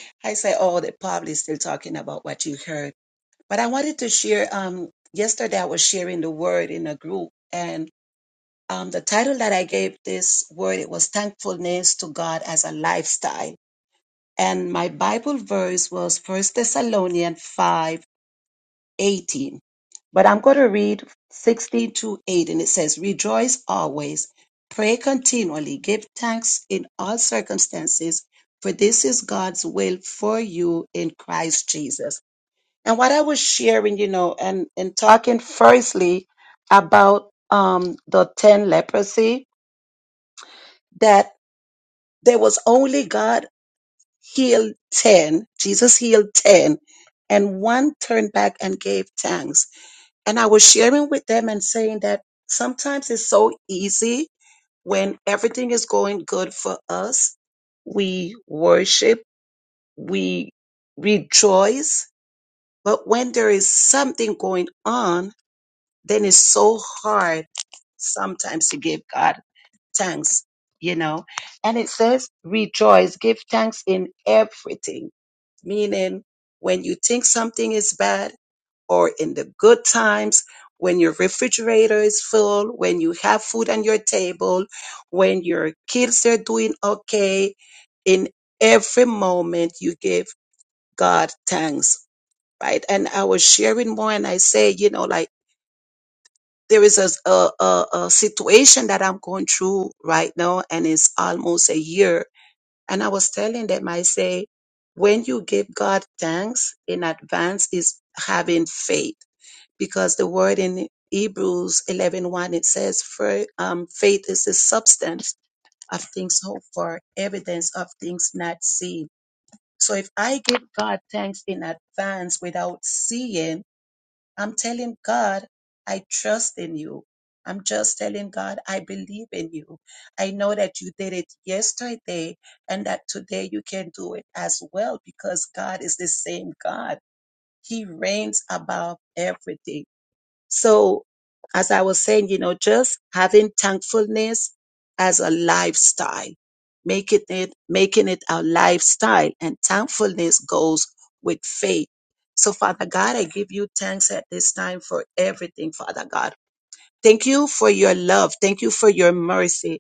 S3: I say, oh, they're probably still talking about what you heard. But I wanted to share, um, yesterday I was sharing the word in a group and. um, the title that I gave this word it was thankfulness to God as a lifestyle. And my Bible verse was First Thessalonians five eighteen. But I'm going to read 16 to 8, and it says, Rejoice always, pray continually, give thanks in all circumstances, for this is God's will for you in Christ Jesus. And what I was sharing, you know, and, and talking firstly about um, the 10 leprosy, that There was only God healed 10. Jesus healed 10 and one turned back and gave thanks. And I was sharing with them and saying that sometimes it's so easy when everything is going good for us. We worship, we rejoice, but when there is something going on, then it's so hard sometimes to give God thanks, you know. And it says, rejoice, give thanks in everything, meaning when you think something is bad or in the good times, when your refrigerator is full, when you have food on your table, when your kids are doing okay, in every moment you give God thanks, right? And I was sharing more and I say, you know, like, there is a, a a a situation that I'm going through right now, and it's almost a year. And I was telling them, I say, when you give God thanks in advance, is having faith because the word in Hebrews 11 it says, "For um, faith is the substance of things hoped for, evidence of things not seen. So if I give God thanks in advance without seeing, I'm telling God, I trust in you. I'm just telling God, I believe in you. I know that you did it yesterday and that today you can do it as well because God is the same God. He reigns above everything. So, as I was saying, you know, just having thankfulness as a lifestyle, making it making it our lifestyle, and thankfulness goes with faith. So, Father God, I give you thanks at this time for everything, Father God. Thank you for your love. Thank you for your mercy.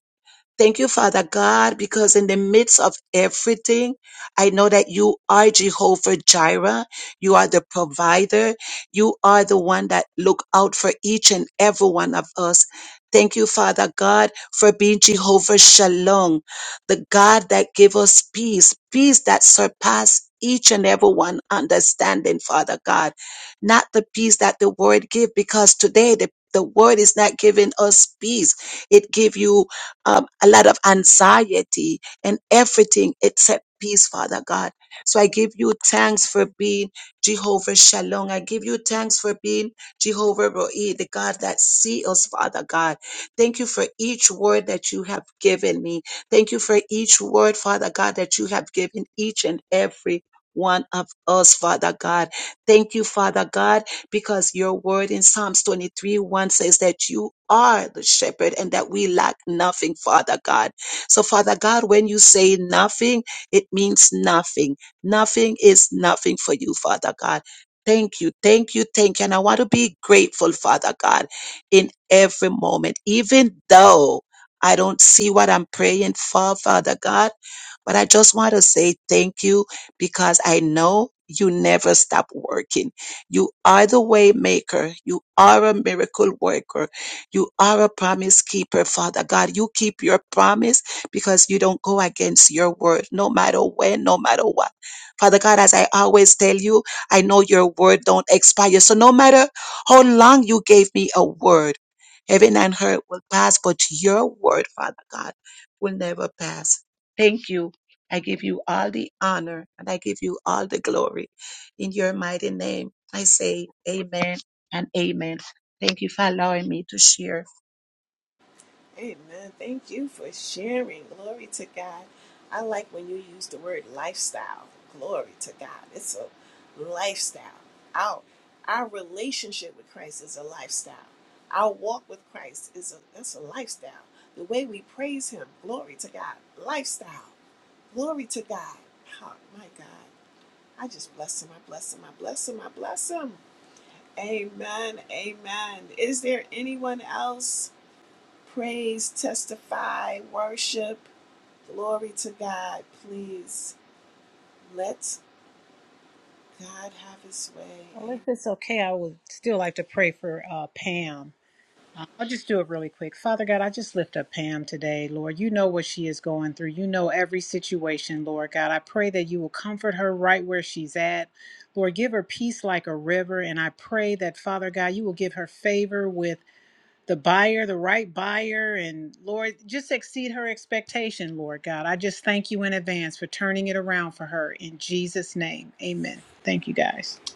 S3: Thank you, Father God, because in the midst of everything, I know that you are Jehovah Jireh. You are the provider. You are the one that look out for each and every one of us. Thank you, Father God, for being Jehovah Shalom, the God that give us peace, peace that surpass each and every one understanding, Father God. Not the peace that the world give, because today the, the world is not giving us peace. It give you um, a lot of anxiety and everything except peace, Father God. So I give you thanks for being Jehovah Shalom. I give you thanks for being Jehovah Roe, the God that sees Father God. Thank you for each word that you have given me. Thank you for each word, Father God, that you have given each and every one of us, Father God. Thank you, Father God because your word in Psalms 23 1 says that you are the shepherd and that we lack nothing, Father God. So, Father God, when you say nothing, it means nothing. Nothing is nothing for you, Father God. Thank you, thank you, thank you. And I want to be grateful, Father God, in every moment, even though I don't see what I'm praying for, Father God. But I just want to say thank you because I know you never stop working. You are the way maker. You are a miracle worker. You are a promise keeper, Father God. You keep your promise because you don't go against your word, no matter when, no matter what. Father God, as I always tell you, I know your word don't expire. So no matter how long you gave me a word, heaven and earth will pass, but your word, Father God, will never pass. Thank you. I give you all the honor and I give you all the glory in your mighty name. I say amen and amen. Thank you for allowing me to share.
S1: Amen. Thank you for sharing. Glory to God. I like when you use the word lifestyle. Glory to God. It's a lifestyle. Our our relationship with Christ is a lifestyle. Our walk with Christ is a that's a lifestyle. The way we praise Him. Glory to God. Lifestyle. Glory to God. Oh, my God. I just bless Him. I bless Him. I bless Him. I bless Him. Amen. Amen. Is there anyone else? praise, testify, worship. Glory to God. Please let God have his way.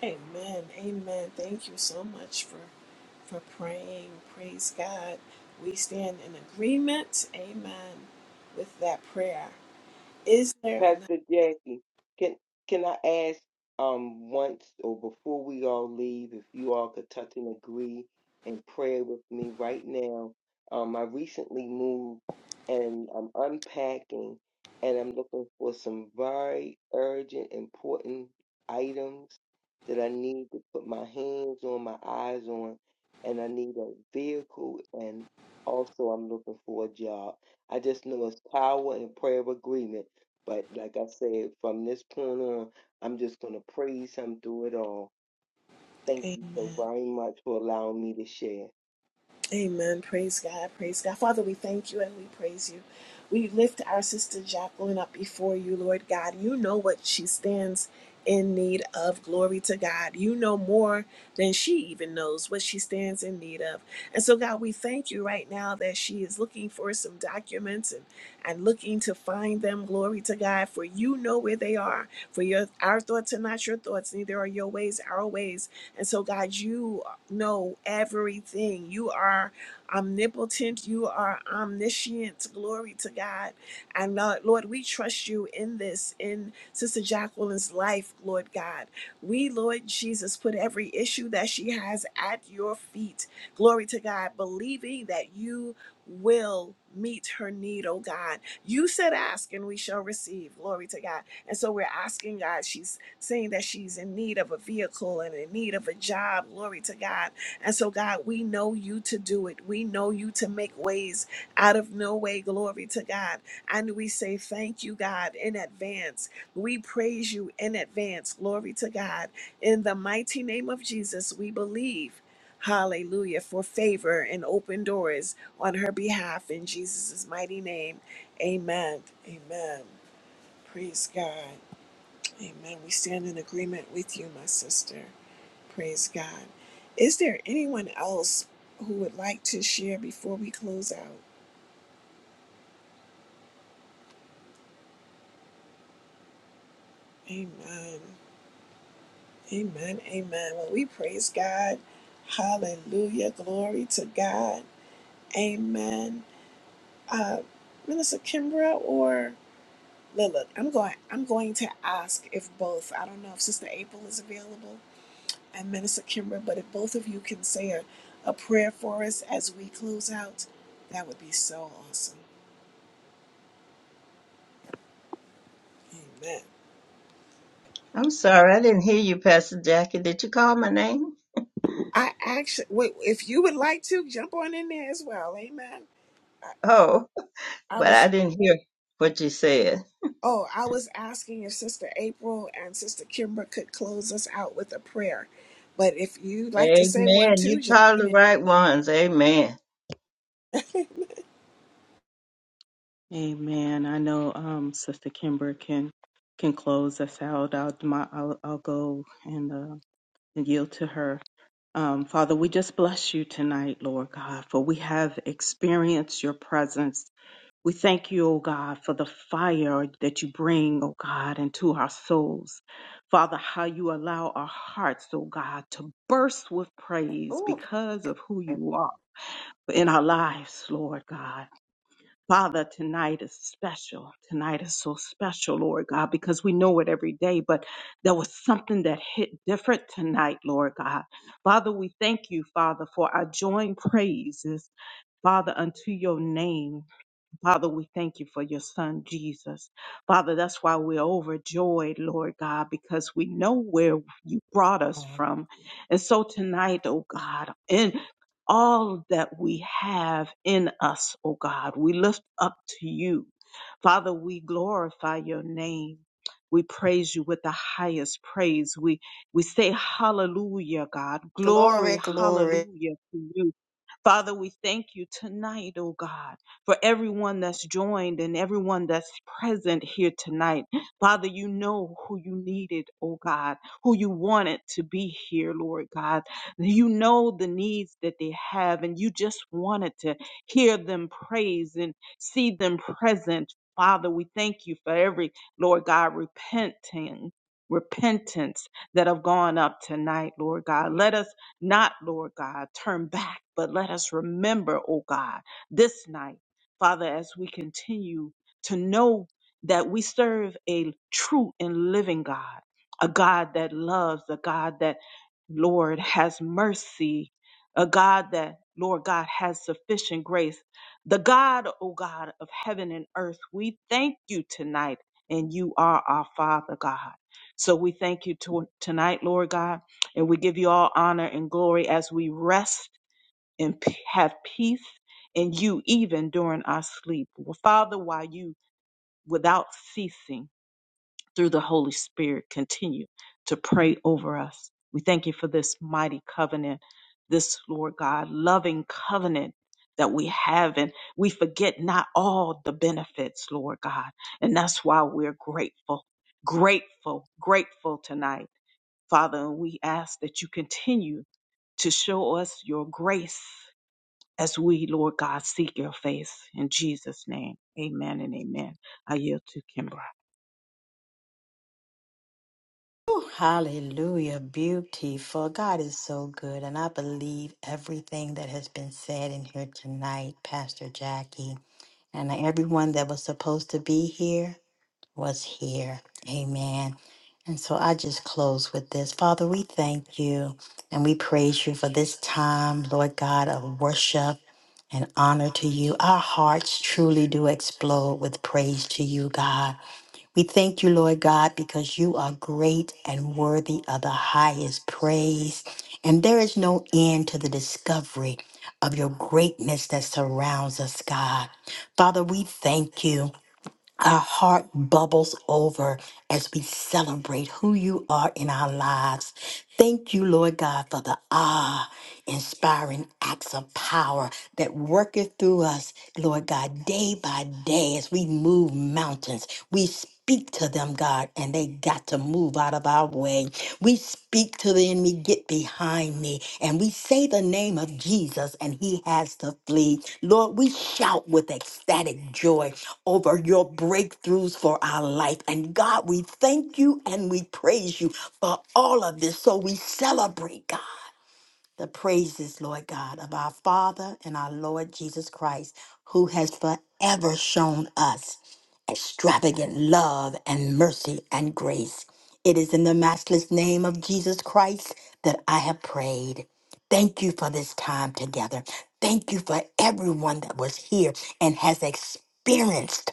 S1: Amen. Amen. Thank you so much for for praying. Praise God. We stand in agreement. Amen. With that prayer. Is there
S6: Pastor
S1: enough?
S6: Jackie, can can I ask um once or before we all leave if you all could touch and agree and pray with me right now? Um, I recently moved and I'm unpacking and I'm looking for some very urgent, important items that I need to put my hands on, my eyes on, and I need a vehicle and also I'm looking for a job. I just know it's power and prayer of agreement but like I said, from this point on, I'm just going to praise him through it all. Thank you so
S1: Amen.
S6: very much for allowing me to share.
S1: Amen. Praise God. Praise God. Father, we thank you and we praise you. We lift our sister Jacqueline up before you, Lord God. You know what she stands in need of. Glory to God. You know more than she even knows what she stands in need of. And so, God, we thank you right now that she is looking for some documents and, and looking to find them. Glory to God. For you know where they are. For your our thoughts are not your thoughts, neither are your ways our ways. And so, God, you know everything. You are omnipotent. You are omniscient. Glory to God. And uh, Lord, we trust you in this, in Sister Jacqueline's life, Lord God. We, Lord Jesus, put every issue that she has at your feet. Glory to God, believing that you will meet her need, oh God. You said, Ask and we shall receive. Glory to God. And so we're asking God. She's seeing that she's in need of a vehicle and in need of a job. Glory to God. And so, God, we know you to do it. We know you to make ways out of no way. Glory to God. And we say thank you, God, in advance. We praise you in advance. Glory to God. In the mighty name of Jesus, we believe. Hallelujah for favor and open doors on her behalf in Jesus' mighty name. Amen. Amen. Praise God. Amen. We stand in agreement with you, my sister. Praise God. Is there anyone else who would like to share before we close out? Amen. Amen. Amen. Well, we praise God. Hallelujah. Glory to God. Amen. Uh, Minister Kimbra or Lilith, I'm going. I'm going to ask if both. I don't know if Sister April is available. and Minister Kimber, but if both of you can say a, a prayer for us as we close out, that would be so awesome. Amen.
S2: I'm sorry, I didn't hear you, Pastor Jackie. Did you call my name?
S1: I actually, wait, if you would like to, jump on in there as well. Amen.
S2: Oh,
S1: I, I
S2: but
S1: was,
S2: I didn't hear what you said.
S1: oh, I was asking if Sister April and Sister Kimber could close us out with a prayer. But if you'd like to say one
S2: Amen. You
S1: too, jump
S2: called
S1: on
S2: the
S1: in.
S2: right ones. Amen.
S8: Amen. I know um, Sister Kimber can can close us out. I'll do my, I'll, I'll go and, uh, and yield to her. Um, Father, we just bless you tonight, Lord God, for we have experienced your presence. We thank you, O God, for the fire that you bring, O God, into our souls. Father, how you allow our hearts, O God, to burst with praise
S5: Ooh,
S8: because of who you are in our lives, Lord God. Father, tonight is special. Tonight is so special, Lord God, because we know it every day, but there was something that hit different tonight, Lord God. Father, we thank you, Father, for our joint praises, Father, unto your name. Father, we thank you for your son, Jesus. Father, that's why we're overjoyed, Lord God, because we know where you brought us from. And so tonight, oh God, in all that we have in us, oh God, we lift up to you. Father, we glorify your name. We praise you with the highest praise. We we say hallelujah, God.
S5: glory,
S8: Glory,
S5: glory.
S8: hallelujah to you. Father, we thank you tonight, oh God, for everyone that's joined and everyone that's present here tonight. Father, you know who you needed, oh God, who you wanted to be here, Lord God. You know the needs that they have, and you just wanted to hear them praise and see them present. Father, we thank you for every, Lord God, repenting. Repentance that have gone up tonight, Lord God. Let us not, Lord God, turn back, but let us remember, oh God, this night, Father, as we continue to know that we serve a true and living God, a God that loves, a God that, Lord, has mercy, a God that, Lord God, has sufficient grace. The God, O God, of heaven and earth, we thank you tonight, and you are our Father, God. So we thank you to, tonight, Lord God and we give you all honor and glory as we rest and p- have peace in you, even during our sleep. Well, Father, while you, without ceasing, through the Holy Spirit, continue to pray over us. We thank you for this mighty covenant, this, Lord God, loving covenant that we have. And we forget not all the benefits, Lord God. And that's why we're grateful, grateful, grateful tonight. Father, and we ask that you continue to show us your grace as we, Lord God, seek your face. In Jesus' name, amen and amen. I yield to Kimbra.
S5: Ooh, hallelujah, beautiful. God is so good, and I believe everything that has been said in here tonight, Pastor Jackie, and everyone that was supposed to be here was here. Amen. And so I just close with this. Father, we thank you and we praise you for this time, Lord God, of worship and honor to you. Our hearts truly do explode with praise to you, God. We thank you, Lord God, because you are great and worthy of the highest praise. And there is no end to the discovery of your greatness that surrounds us, God. Father, we thank you our heart bubbles over as we celebrate who you are in our lives. Thank you, Lord God, for the ah inspiring acts of power that worketh through us, Lord God, day by day as we move mountains. We speak to them, God, and they got to move out of our way. We speak to the enemy, get behind me, and we say the name of Jesus, and he has to flee. Lord, we shout with ecstatic joy over your breakthroughs for our life. And God, we thank you and we praise you for all of this. So we celebrate, God, the praises, Lord God, of our Father and our Lord Jesus Christ, who has forever shown us extravagant love and mercy and grace. It is in the matchless name of Jesus Christ that I have prayed. Thank you for this time together. Thank you for everyone that was here and has experienced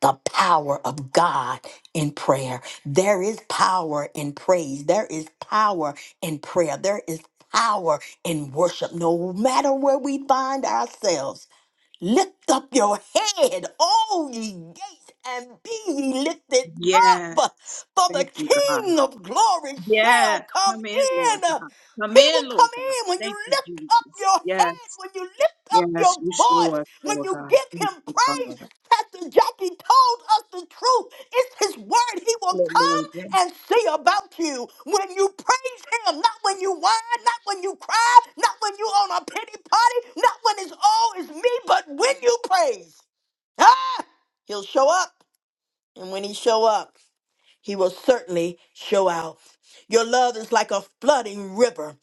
S5: the power of God in prayer. There is power in praise. There is power in prayer. There is power in worship. No matter where we find ourselves, Lift up your head, all ye gates, and be ye lifted
S8: Yes.
S5: up, for the
S8: Thank you, God.
S5: King of glory shall
S8: Yes.
S5: come
S8: Come in, Lord
S5: in.
S8: God. Come
S5: He will
S8: in, Lord
S5: come
S8: God.
S5: in when you
S8: Thank you,
S5: lift up
S8: Jesus.
S5: your
S8: Yes.
S5: head, when you lift up your
S8: Yes. You show
S5: voice,
S8: us,
S5: when
S8: Lord
S5: you
S8: God.
S5: give
S8: Thank
S5: him
S8: you,
S5: praise.
S8: Father.
S5: Pastor Jackie told us the truth. It's his word. He will
S3: Hallelujah.
S5: and see about you when you praise him, not when you whine, not when you cry, not when you on a pity party, not when it's all is me, but when you praise. Ah! He'll show up, and when he show up, he will certainly show out. Your love is like a flooding river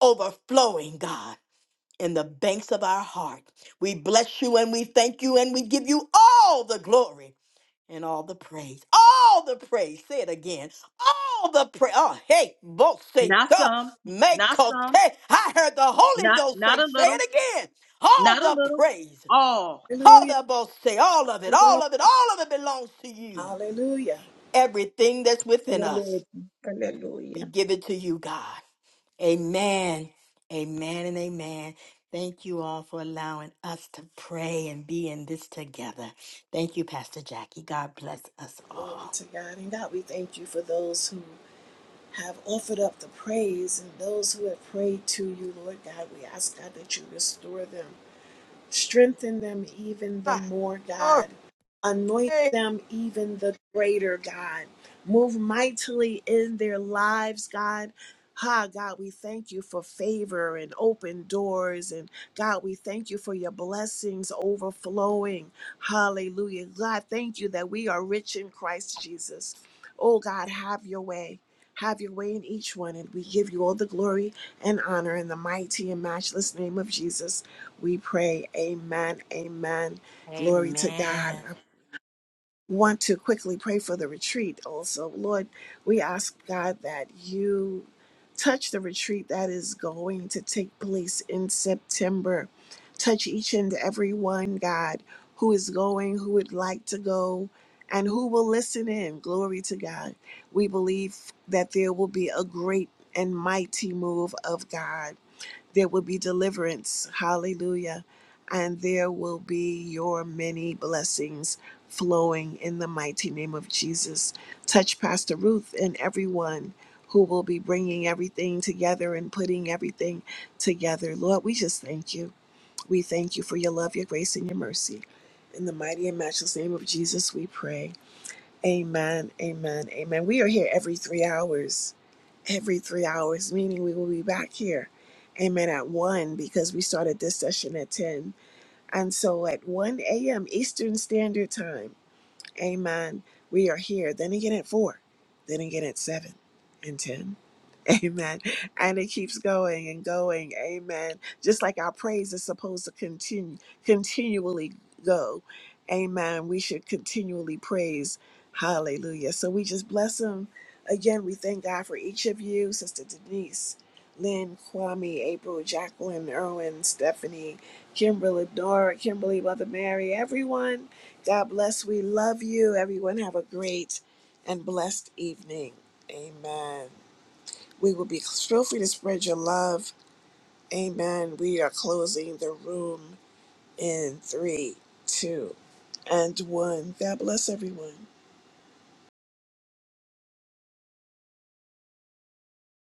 S5: overflowing, God, in the banks of our heart. We bless you and we thank you and we give you all the glory and all the praise. All the praise. Say it again. All the praise. Oh, hey,
S8: Not
S5: Voseka,
S8: some, not
S5: Mekote.
S8: some,
S5: I heard the Holy
S8: not,
S5: Ghost
S8: not
S5: say,
S8: a
S5: say
S8: little,
S5: it again. All
S8: not a
S5: the
S8: little,
S5: praise.
S8: all.
S5: All
S1: Hallelujah.
S5: the Vose, all of
S1: Hallelujah.
S5: it, all of it, all of it belongs to you.
S1: Hallelujah.
S5: Everything that's within
S3: Hallelujah.
S5: us,
S3: Hallelujah.
S5: we give it to you, God. Amen. Amen and amen. Thank you all for allowing us to pray and be in this together. Thank you, Pastor Jackie. God bless us
S1: Glory
S5: all.
S1: to God. And God, we thank you for those who have offered up the praise and those who have prayed to you, Lord God. We ask God that you restore them. Strengthen them even the
S5: Ah,
S1: more,
S5: glory.
S1: God. Anoint
S5: Hey,
S1: them even the greater, God. Move mightily in their lives, God. Ha, God, we thank you for favor and open doors. And God, we thank you for your blessings overflowing. Hallelujah. God, thank you that we are rich in Christ Jesus. Oh, God, have your way. Have your way in each one. And we give you all the glory and honor in the mighty and matchless name of Jesus. We pray, Amen, Amen. Glory to God.
S5: Amen.
S1: I want to quickly pray for the retreat also. Lord, we ask God that you touch the retreat that is going to take place in September. Touch each and every one, God, who is going, who would like to go, and who will listen in. Glory to God. We believe that there will be a great and mighty move of God there will be deliverance. Hallelujah. And there will be your many blessings flowing in the mighty name of Jesus. Touch Pastor Ruth and everyone who will be bringing everything together and putting everything together. Lord, we just thank you. We thank you for your love, your grace, and your mercy. In the mighty and matchless name of Jesus, we pray. Amen, amen, amen. We are here every three hours every three hours, meaning we will be back here, amen, at 1 because we started this session at 10. And so at 1 a.m. Eastern Standard Time, Amen. We are here. Then again at four. Then again at seven and ten. Amen. And it keeps going and going. Amen. Just like our praise is supposed to continue continually go. Amen. We should continually praise. Hallelujah. So we just bless him. Again, we thank God for each of you, Sister Denise. Lynn, Kwame, April, Jacqueline, Erwin, Stephanie, Kimberly, Dora, Kimberly, Mother Mary, everyone. God bless. We love you. Everyone have a great and blessed evening. Amen. We will be feel free to spread your love. Amen. We are closing the room in three, two, and one. God bless everyone.